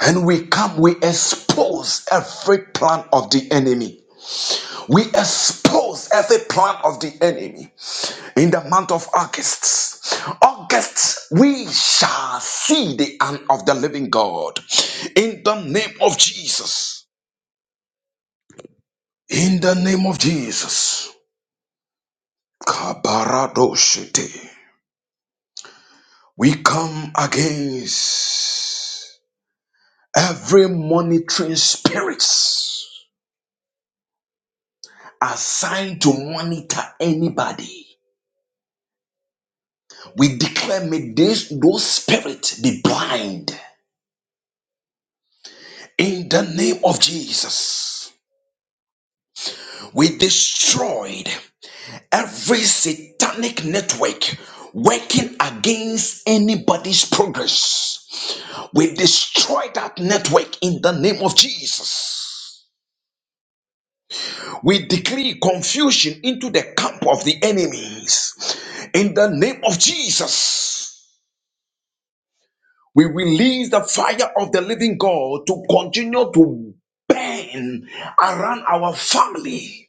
And we come, we expose every plan of the enemy. We expose every plan of the enemy. in the month of August. August, we shall see the hand of the living God in the name of Jesus. In the name of Jesus. Kabaradoshete. We come against every monitoring spirits assigned to monitor anybody. We declare may this, those spirits be blind in the name of Jesus. We destroyed every satanic network working against anybody's progress. We destroy that network in the name of Jesus. We decree confusion into the camp of the enemies. In the name of Jesus, we release the fire of the living God to continue to burn around our family.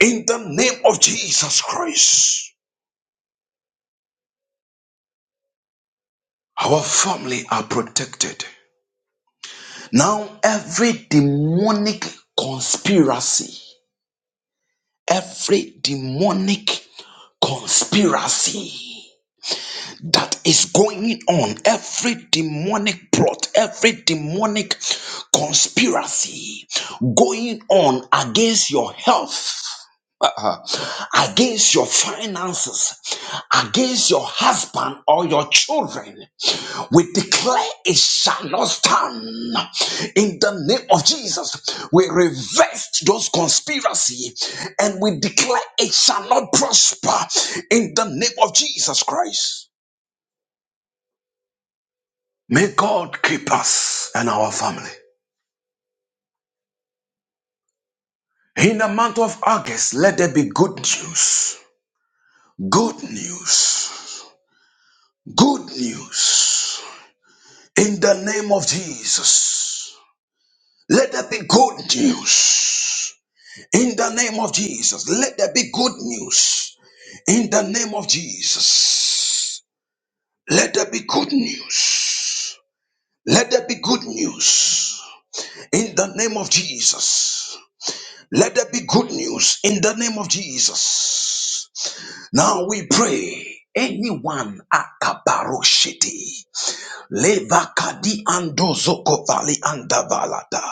In the name of Jesus Christ. Our family are protected. Now, every demonic conspiracy, every demonic conspiracy that is going on, every demonic plot, every demonic conspiracy going on against your health, against your finances, against your husband or your children, We declare it shall not stand. In the name of Jesus, we reverse those conspiracy and we declare it shall not prosper. In the name of Jesus Christ. May God keep us and our family. In the month of August, let there be good news. Good news. Good news. In the name of Jesus, let there be good news. In the name of Jesus, let there be good news. In the name of Jesus, let there be good news. Let there be good news. In the name of Jesus, let there be good news. In the name of Jesus. Now we pray. Anyone akabaroshiti leva kadi andozoko vali andavalata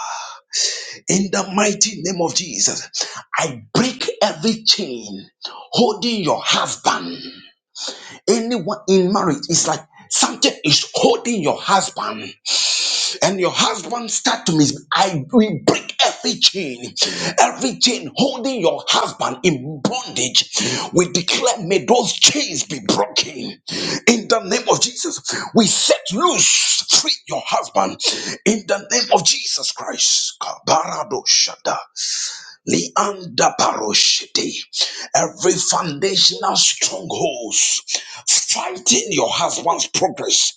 In the mighty name of Jesus, I break every chain holding your husband. Anyone in marriage is like something is holding your husband, and your husband start to miss. I will break every chain, every chain holding your husband in bondage. We declare, may those chains be broken. In the name of Jesus, we set loose, free your husband. In the name of Jesus Christ, Kabarado Shada. Leander Paroshete. Every foundational strongholds fighting your husband's progress,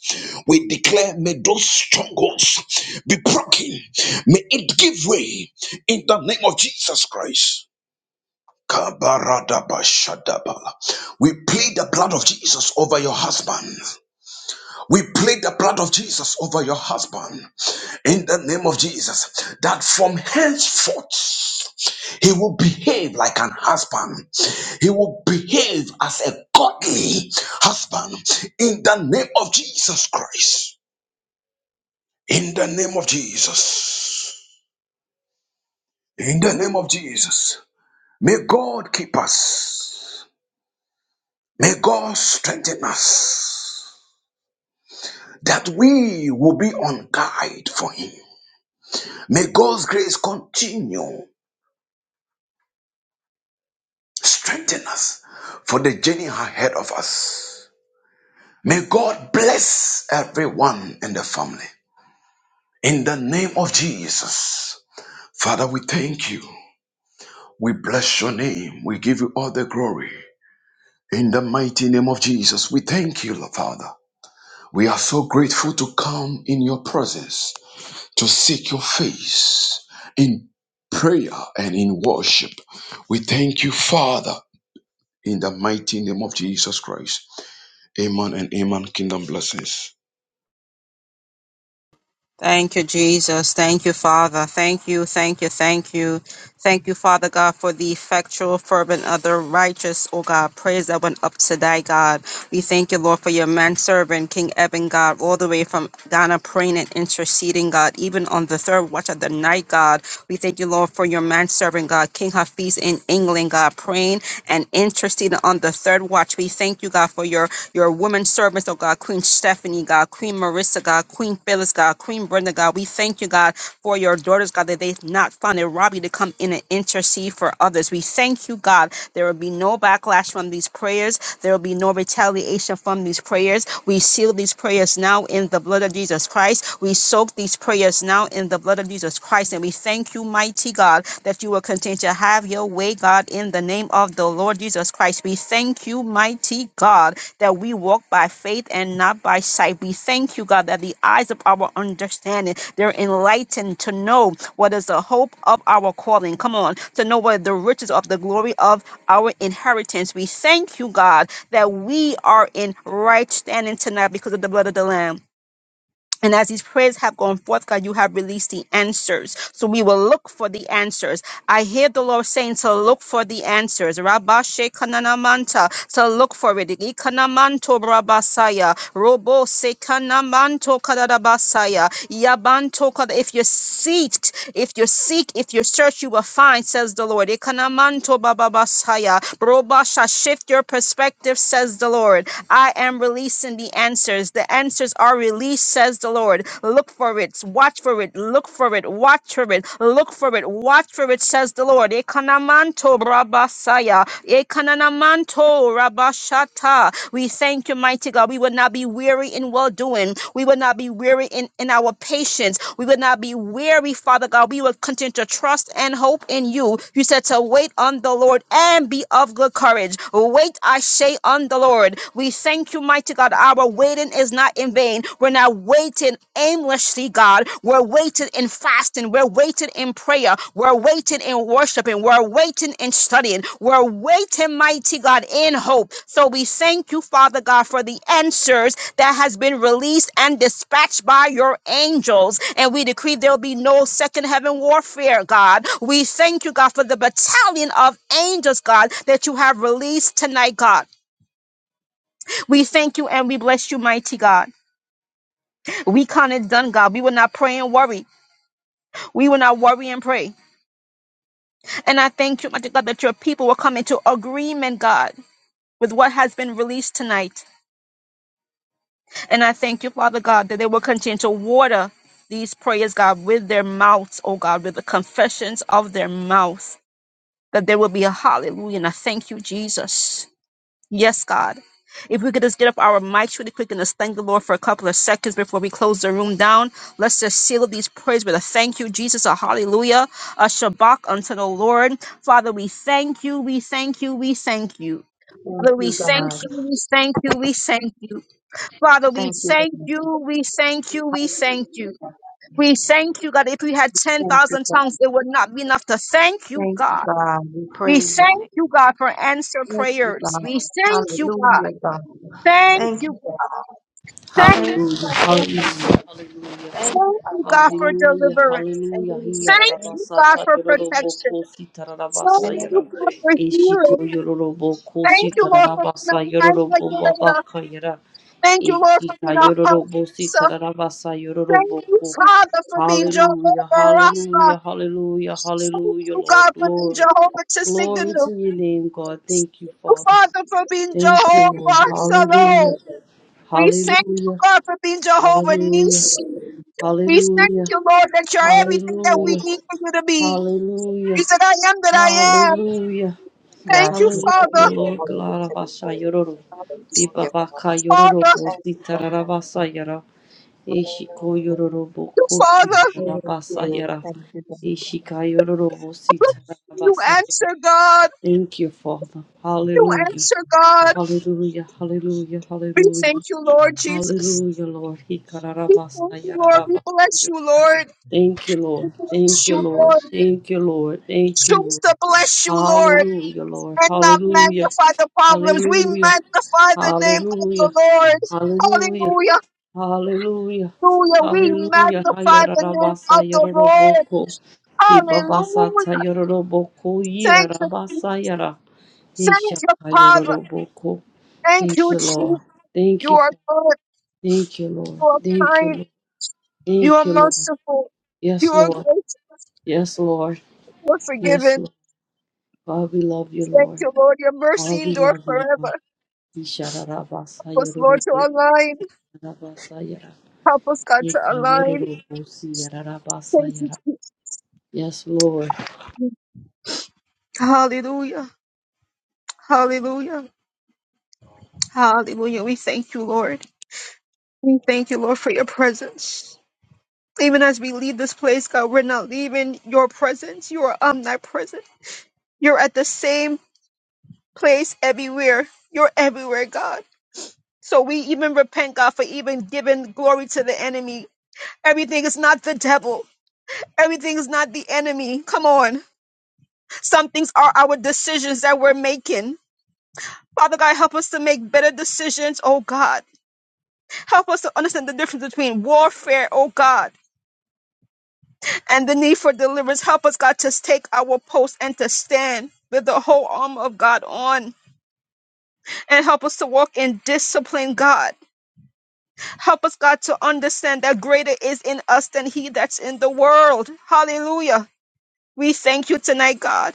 we declare may those strongholds be broken. May it give way in the name of Jesus Christ. Kabaradabashadabala. We plead the blood of Jesus over your husband. We plead the blood of Jesus over your husband in the name of Jesus that from henceforth he will behave like an husband, he will behave as a godly husband in the name of Jesus Christ. In the name of Jesus, in the name of Jesus, may God keep us, may God strengthen us that we will be on guide for him. May God's grace continue. Strengthen us for the journey ahead of us. May God bless everyone in the family. In the name of Jesus. Father, we thank you. We bless your name. We give you all the glory. In the mighty name of Jesus, we thank you, Lord Father. We are so grateful to come in your presence, to seek your face in prayer and in worship. We thank you, Father, in the mighty name of Jesus Christ. Amen and amen. Kingdom blessings.
Thank you, Jesus. Thank you, Father. Thank you, thank you, thank you. Thank you, Father God, for the effectual, fervent, other righteous, oh God, praise that went up to thy God. We thank you, Lord, for your manservant, King Eben, God, all the way from Ghana praying and interceding, God, even on the third watch of the night, God. We thank you, Lord, for your manservant, God, King Hafiz in England, God, praying and interceding on the third watch. We thank you, God, for your your woman servants, oh God, Queen Stephanie, God, Queen Marissa, God, Queen Phyllis, God, Queen Brenda, God. We thank you, God, for your daughters, God, that they've not found a Robbie to come in and intercede for others. We thank you, God. There will be no backlash from these prayers there will be no retaliation from these prayers. We seal these prayers now in the blood of Jesus Christ. We soak these prayers now in the blood of Jesus Christ. And we thank you, mighty God, that you will continue to have your way, God, in the name of the Lord Jesus Christ. We thank you, mighty mighty God, that we walk by faith and not by sight. We thank you, God, that the eyes of our understanding, they're enlightened to know what is the hope of our calling. Come on, to know what the riches of the glory of our inheritance. We thank you, God, that we are in right standing tonight because of the blood of the Lamb. And as these prayers have gone forth, God, you have released the answers. So we will look for the answers. I hear the Lord saying to look for the answers. Rabba Shekinah Manta, to look for it. Ikanamanto Rabasaya. Robo Sekanamanto kadabasaya. Yabanto Kada. If you seek, if you seek, if you search, you will find, says the Lord. Ikanamanto Bababasaya. Robasha, shift your perspective, says the Lord. I am releasing the answers answers. The answers are released, says the Lord. Look for it, watch for it, look for it, watch for it, look for it, watch for it, says the Lord. Ekanamanto Rabasaya, ekananamanto rabashata. We thank you, mighty God. We will not be weary in well doing. We will not be weary in, in our patience. We will not be weary, Father God. We will continue to trust and hope hope in you. You said to wait on the Lord and be of good courage. Wait, I say, on the Lord. We thank you, mighty God. Our waiting is not in vain. We're not waiting aimlessly, God. We're waiting in fasting. We're waiting in prayer. We're waiting in worshiping. We're waiting in studying. We're waiting, mighty God, in hope. So we thank you, Father God, for the answers that has been released and dispatched by your angels. And we decree there'll be no second heaven warfare, God. We thank you, God, for the battalion of angels, God, that you have released tonight, God. We thank you and we bless you, mighty God. We count it done, God. We will not pray and worry. We will not worry and pray. And I thank you, mighty God, that your people will come into agreement, God, with what has been released tonight. And I thank you, Father God, that they will continue to water these prayers, God, with their mouths, oh God, with the confessions of their mouths, that there will be a hallelujah. And I thank you, Jesus. Yes, God. If we could just get up our mics really quick and just thank the Lord for a couple of seconds before we close the room down, let's just seal these prayers with a thank you, Jesus, a hallelujah, a shabak unto the Lord. Father, we thank you, we thank you, we thank you.
Thank
Father, we
you,
thank
God.
you, we thank you, we thank you. Father, we
Thank you,
thank
God.
you, we thank you, we thank you.
Hallelujah.
We thank you, God. If we had
Thank you,
10,000
God.
tongues, it would not be enough to thank you,
Thank you,
God.
God. We
We
praise your
thank
name.
you, God, for answer
Thank you,
prayers.
God.
We thank you, God.
Hallelujah, God.
Thank
Thank
you,
you, God.
God. Thank
Thank you,
you,
Hallelujah,
God, for healing.
hallelujah,
God. Thank you,
Thank
hallelujah,
you,
Abba
God,
Father.
for
hallelujah,
deliverance.
Thank
hallelujah.
you,
Thank
thank you,
you,
Yarabasa
God,
ta
thank
for
you.
yororobo
protection.
kosi tararabasa
Thank
Thank
yara.
you,
you.
God, for
Eshito
healing.
yororobo
Thank
kosi
Thank
you, Lord, for being
tararabasa
a mind
yororobo baba
regulator.
kayara.
Thank you, Lord, for
Eshita
being a
yororobo si
host.
tararabasa
Thank
yororobo
you,
ko.
Father, for being Jehovah
Hallelujah,
Rapha.
hallelujah, hallelujah,
Thank
hallelujah,
you,
Lord.
God, for being
Glory,
Jehovah
glory
Tsidkenu.
to your name, God. Thank you,
Thank you,
Father.
Father, for being
Thank you, Lord.
Jehovah
Hallelujah,
Shalom. We thank you,
hallelujah.
God, for being Jehovah
Hallelujah.
you.
Nisi.
Thank you.
We thank
Hallelujah.
you, Lord, that you're
Thank
everything that
you.
we
Hallelujah.
need for you to be.
Hallelujah.
You said, I am that I am.
Hallelujah.
Thank you,
Yes, Lord,
Hallelujah.
Father,
you are
Lord
worthy to be
Galarabasa
praised.
Yororo.
Hallelujah, Father.
Bibabaka Yororo
Father,
Thank you, God.
Bositarabasa Yara. Eshiko
Hallelujah.
Yororo
you, Father.
Thank
Bokositarabasa
you.
Yara.
Thank you, God.
Eshika Yororo
You
Bositarabasa Yara.
answer, God.
Thank you, Father.
You
Hallelujah.
answer, God.
Hallelujah. Hallelujah.
We
Hallelujah.
thank you, Lord Jesus.
Hallelujah, Lord.
We thank
Hikarabasa
you, Lord. We
Yarabasa
bless you, Lord.
Thank you, Lord. Thank
Bless you,
you, Lord.
Lord.
name
Thank you, Lord. Thank
of
you,
Choose
Lord.
to bless you, Lord,
Hallelujah, Lord.
and not
Jesus.
Hallelujah.
magnify the problems. We
Hallelujah.
magnify the name of
Hallelujah.
the Lord.
Hallelujah.
Hallelujah.
Hallelujah.
Hallelujah. We
Hallelujah.
magnify the
Hayarabasa
name of the Lord.
yaroboko. Bibabasa
Hallelujah.
tayoroboko
Thank you. Jesus.
yirabasa yara.
Thank you,
Yeshaka
Father.
yoroboko.
Thank
Thank
you,
you, Lord.
Jesus.
Thank
You
you.
are good.
Thank you, Lord.
You are
Thank you,
kind.
Lord.
You are
Thank you, Lord.
merciful. You
Yes,
are
Lord.
gracious.
Yes, Lord.
You are
Yes,
forgiven.
Lord. God, we love you,
Thank
Lord.
you, Lord. Your
Oh,
mercy
we
endure
love you,
forever.
Lord.
Help
Isharabasa
us, Lord, to
yororobo,
align.
rabasa yara.
Help us, God, to
Ika
align.
yororobo si yararabasa
Thank you,
yara.
Jesus.
Yes, Lord.
Hallelujah. Hallelujah. Hallelujah. We thank you, Lord. We thank you, Lord, for your presence. Even as we leave this place, God, we're not leaving your presence. You are omnipresent. You're at the same place everywhere. You're everywhere, God. So we even repent, God, for even giving glory to the enemy. Everything is not the devil. Everything is not the enemy. Come on. Some things are our decisions that we're making. Father God, help us to make better decisions, oh God. Help us to understand the difference between warfare, oh God, and the need for deliverance. Help us, God, to take our post and to stand with the whole armor of God on. And help us to walk in discipline, God. Help us, God, to understand that greater is in us than he that's in the world. Hallelujah. We thank you tonight, God,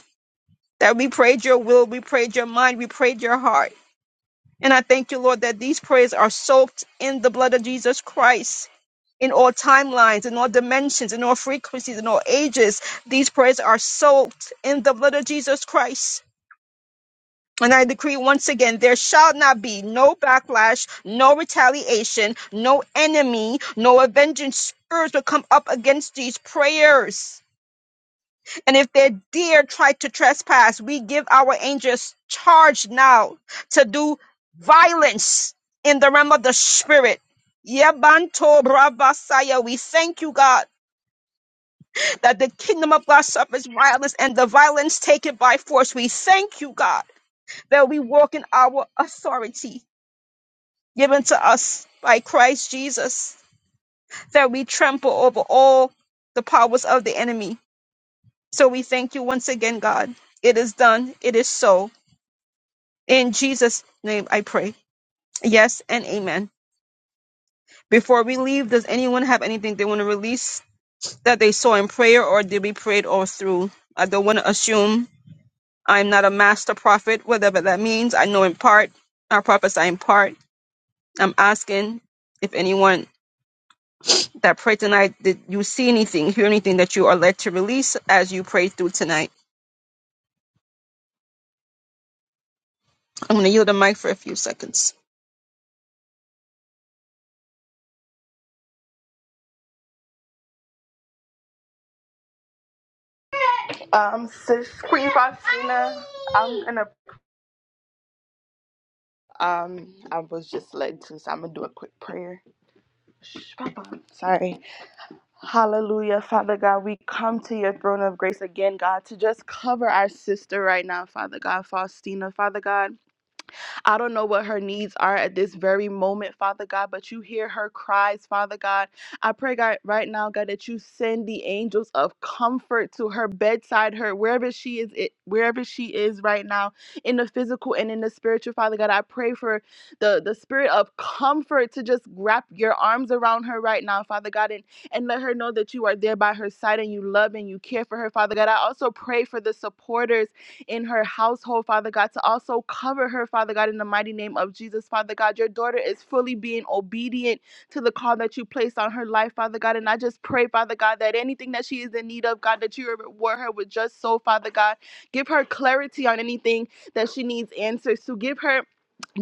that we prayed your will, we prayed your mind, we prayed your heart. And I thank you, Lord, that these prayers are soaked in the blood of Jesus Christ. in all timelines, in all dimensions, in all frequencies, in all ages. These prayers are soaked in the blood of Jesus Christ. And I decree once again, there shall not be no backlash, no retaliation, no enemy, no avenging spirits will come up against these prayers. And if they dare try to trespass, we give our angels charge now to do violence in the realm of the spirit. Yebanto, brabasaya. We thank you, God that the kingdom of God suffers violence and the violence taken by force. We thank you, God, that we walk in our authority given to us by Christ Jesus, that we trample over all the powers of the enemy. So we thank you once again, God. It is done. It is so. In Jesus' name I pray. Yes and amen. Before we leave, does anyone have anything they want to release that they saw in prayer or did we pray it all through? I don't want to assume I'm not a master prophet, whatever that means. I know in part, I prophesy in part. I'm asking if anyone that prayed tonight, did you see anything, hear anything that you are led to release as you pray through tonight? I'm going to yield the mic for a few seconds.
Um, sis Queen Faustina, I'm gonna um, I was just led to, so I'm gonna do a quick prayer. Shh, Papa. Sorry. Hallelujah, Father God. We come to your throne of grace again, God, to just cover our sister right now, Father God, Faustina, Father God. I don't know what her needs are at this very moment, Father God, but you hear her cries, Father God. I pray, God, right now, God, that you send the angels of comfort to her bedside, her wherever she is, it, wherever she is right now, in the physical and in the spiritual, Father God. I pray for the the spirit of comfort to just wrap your arms around her right now, Father God, and and let her know that you are there by her side and you love and you care for her, Father God. I also pray for the supporters in her household, Father God, to also cover her, Father God, in the mighty name of Jesus, Father God. Your daughter is fully being obedient to the call that you placed on her life, Father God. And I just pray, Father God, that anything that she is in need of, God, that you reward her with just so, Father God. Give her clarity on anything that she needs answers to. Give her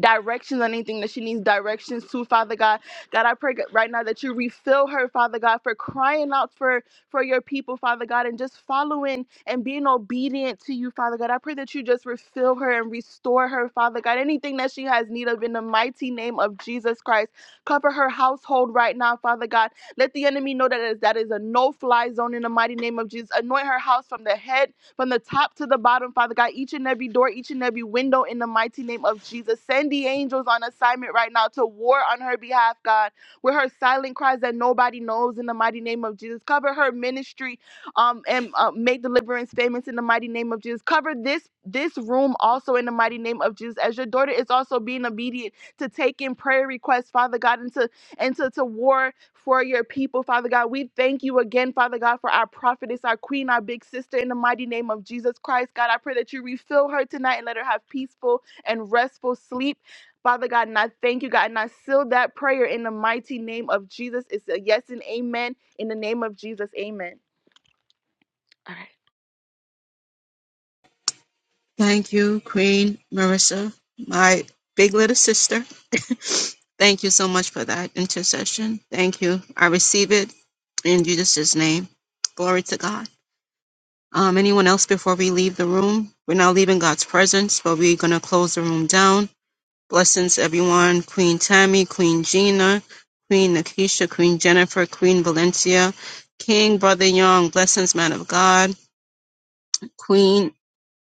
directions on anything that she needs directions to, Father God. God, I pray right now that you refill her, Father God, for crying out for for your people, Father God, and just following and being obedient to you, Father God. I pray that you just refill her and restore her, Father God. Anything that she has need of in the mighty name of Jesus Christ. Cover her household right now, Father God. Let the enemy know that is, that is a no fly zone in the mighty name of Jesus. Anoint her house from the head, from the top to the bottom, Father God. Each and every door, each and every window in the mighty name of Jesus. Send the angels on assignment right now to war on her behalf, God with her silent cries that nobody knows in the mighty name of Jesus. Cover her ministry um, and uh, make deliverance famous in the mighty name of Jesus. Cover this this room also in the mighty name of Jesus. As your daughter is also being obedient to take in prayer requests, Father God, and to and to, to war for your people, Father God. We thank you again, Father God, for our prophetess, our queen, our big sister, in the mighty name of Jesus Christ. God, I pray that you refill her tonight and let her have peaceful and restful sleep Father God, and I thank you, God, and I seal that prayer in the mighty name of Jesus. It's a yes and amen in the name of Jesus. Amen. All right.
Thank you, Queen Marissa, my big little sister. Thank you so much for that intercession. Thank you. I receive it in Jesus' name. Glory to God. Um, anyone else before we leave the room? We're not leaving God's presence, but we're going to close the room down. Blessings, everyone. Queen Tammy, Queen Gina, Queen Nakisha, Queen Jennifer, Queen Valencia, King Brother Young, blessings, man of God, Queen,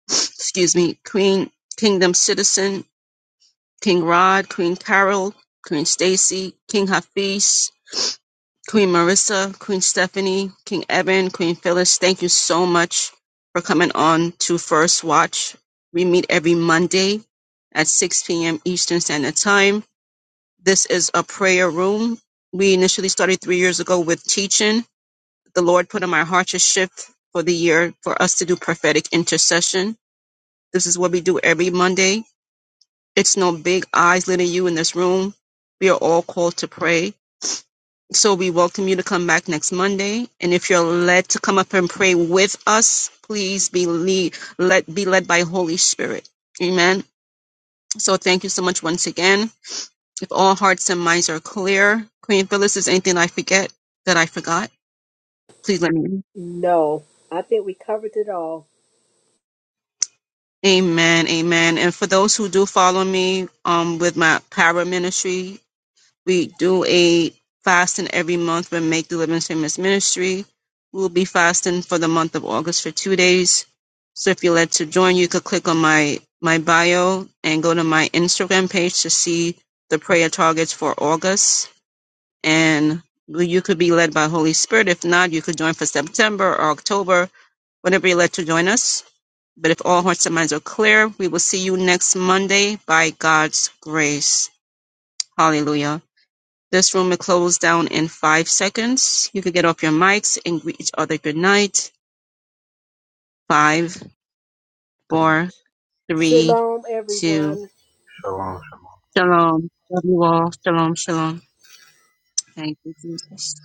excuse me, Queen Kingdom Citizen, King Rod, Queen Carol, Queen Stacy, King Hafiz, Queen Marissa, Queen Stephanie, King Evan, Queen Phyllis, thank you so much for coming on to First Watch. We meet every Monday at 6 p.m. Eastern Standard Time. This is a prayer room. We initially started three years ago with teaching. The Lord put on my heart to shift for the year for us to do prophetic intercession. This is what we do every Monday. It's no big eyes leading you in this room. We are all called to pray so we welcome you to come back next Monday. And if you're led to come up and pray with us, please be lead, let be led by Holy Spirit. Amen. So thank you so much once again. If all hearts and minds are clear, Queen Phyllis, is anything I forget that I forgot? Please let me. know. Amen. Amen. And for those who do follow me um, with my para ministry, We do a fasting every month with Make Deliverance Famous Ministry. We'll be fasting for the month of August for two days. So if you are led to join, you could click on my, my bio and go to my Instagram page to see the prayer targets for August. And you could be led by Holy Spirit. If not, you could join for September or October, whenever you are led to join us. But if all hearts and minds are clear, we will see you next Monday by God's grace. Hallelujah. This room will close down in five seconds. You can get off your mics and greet each other good night. Five,
Good
four,
night.
three, two.
Shalom.
Shalom. Love you all. Shalom, shalom. Thank you, Jesus.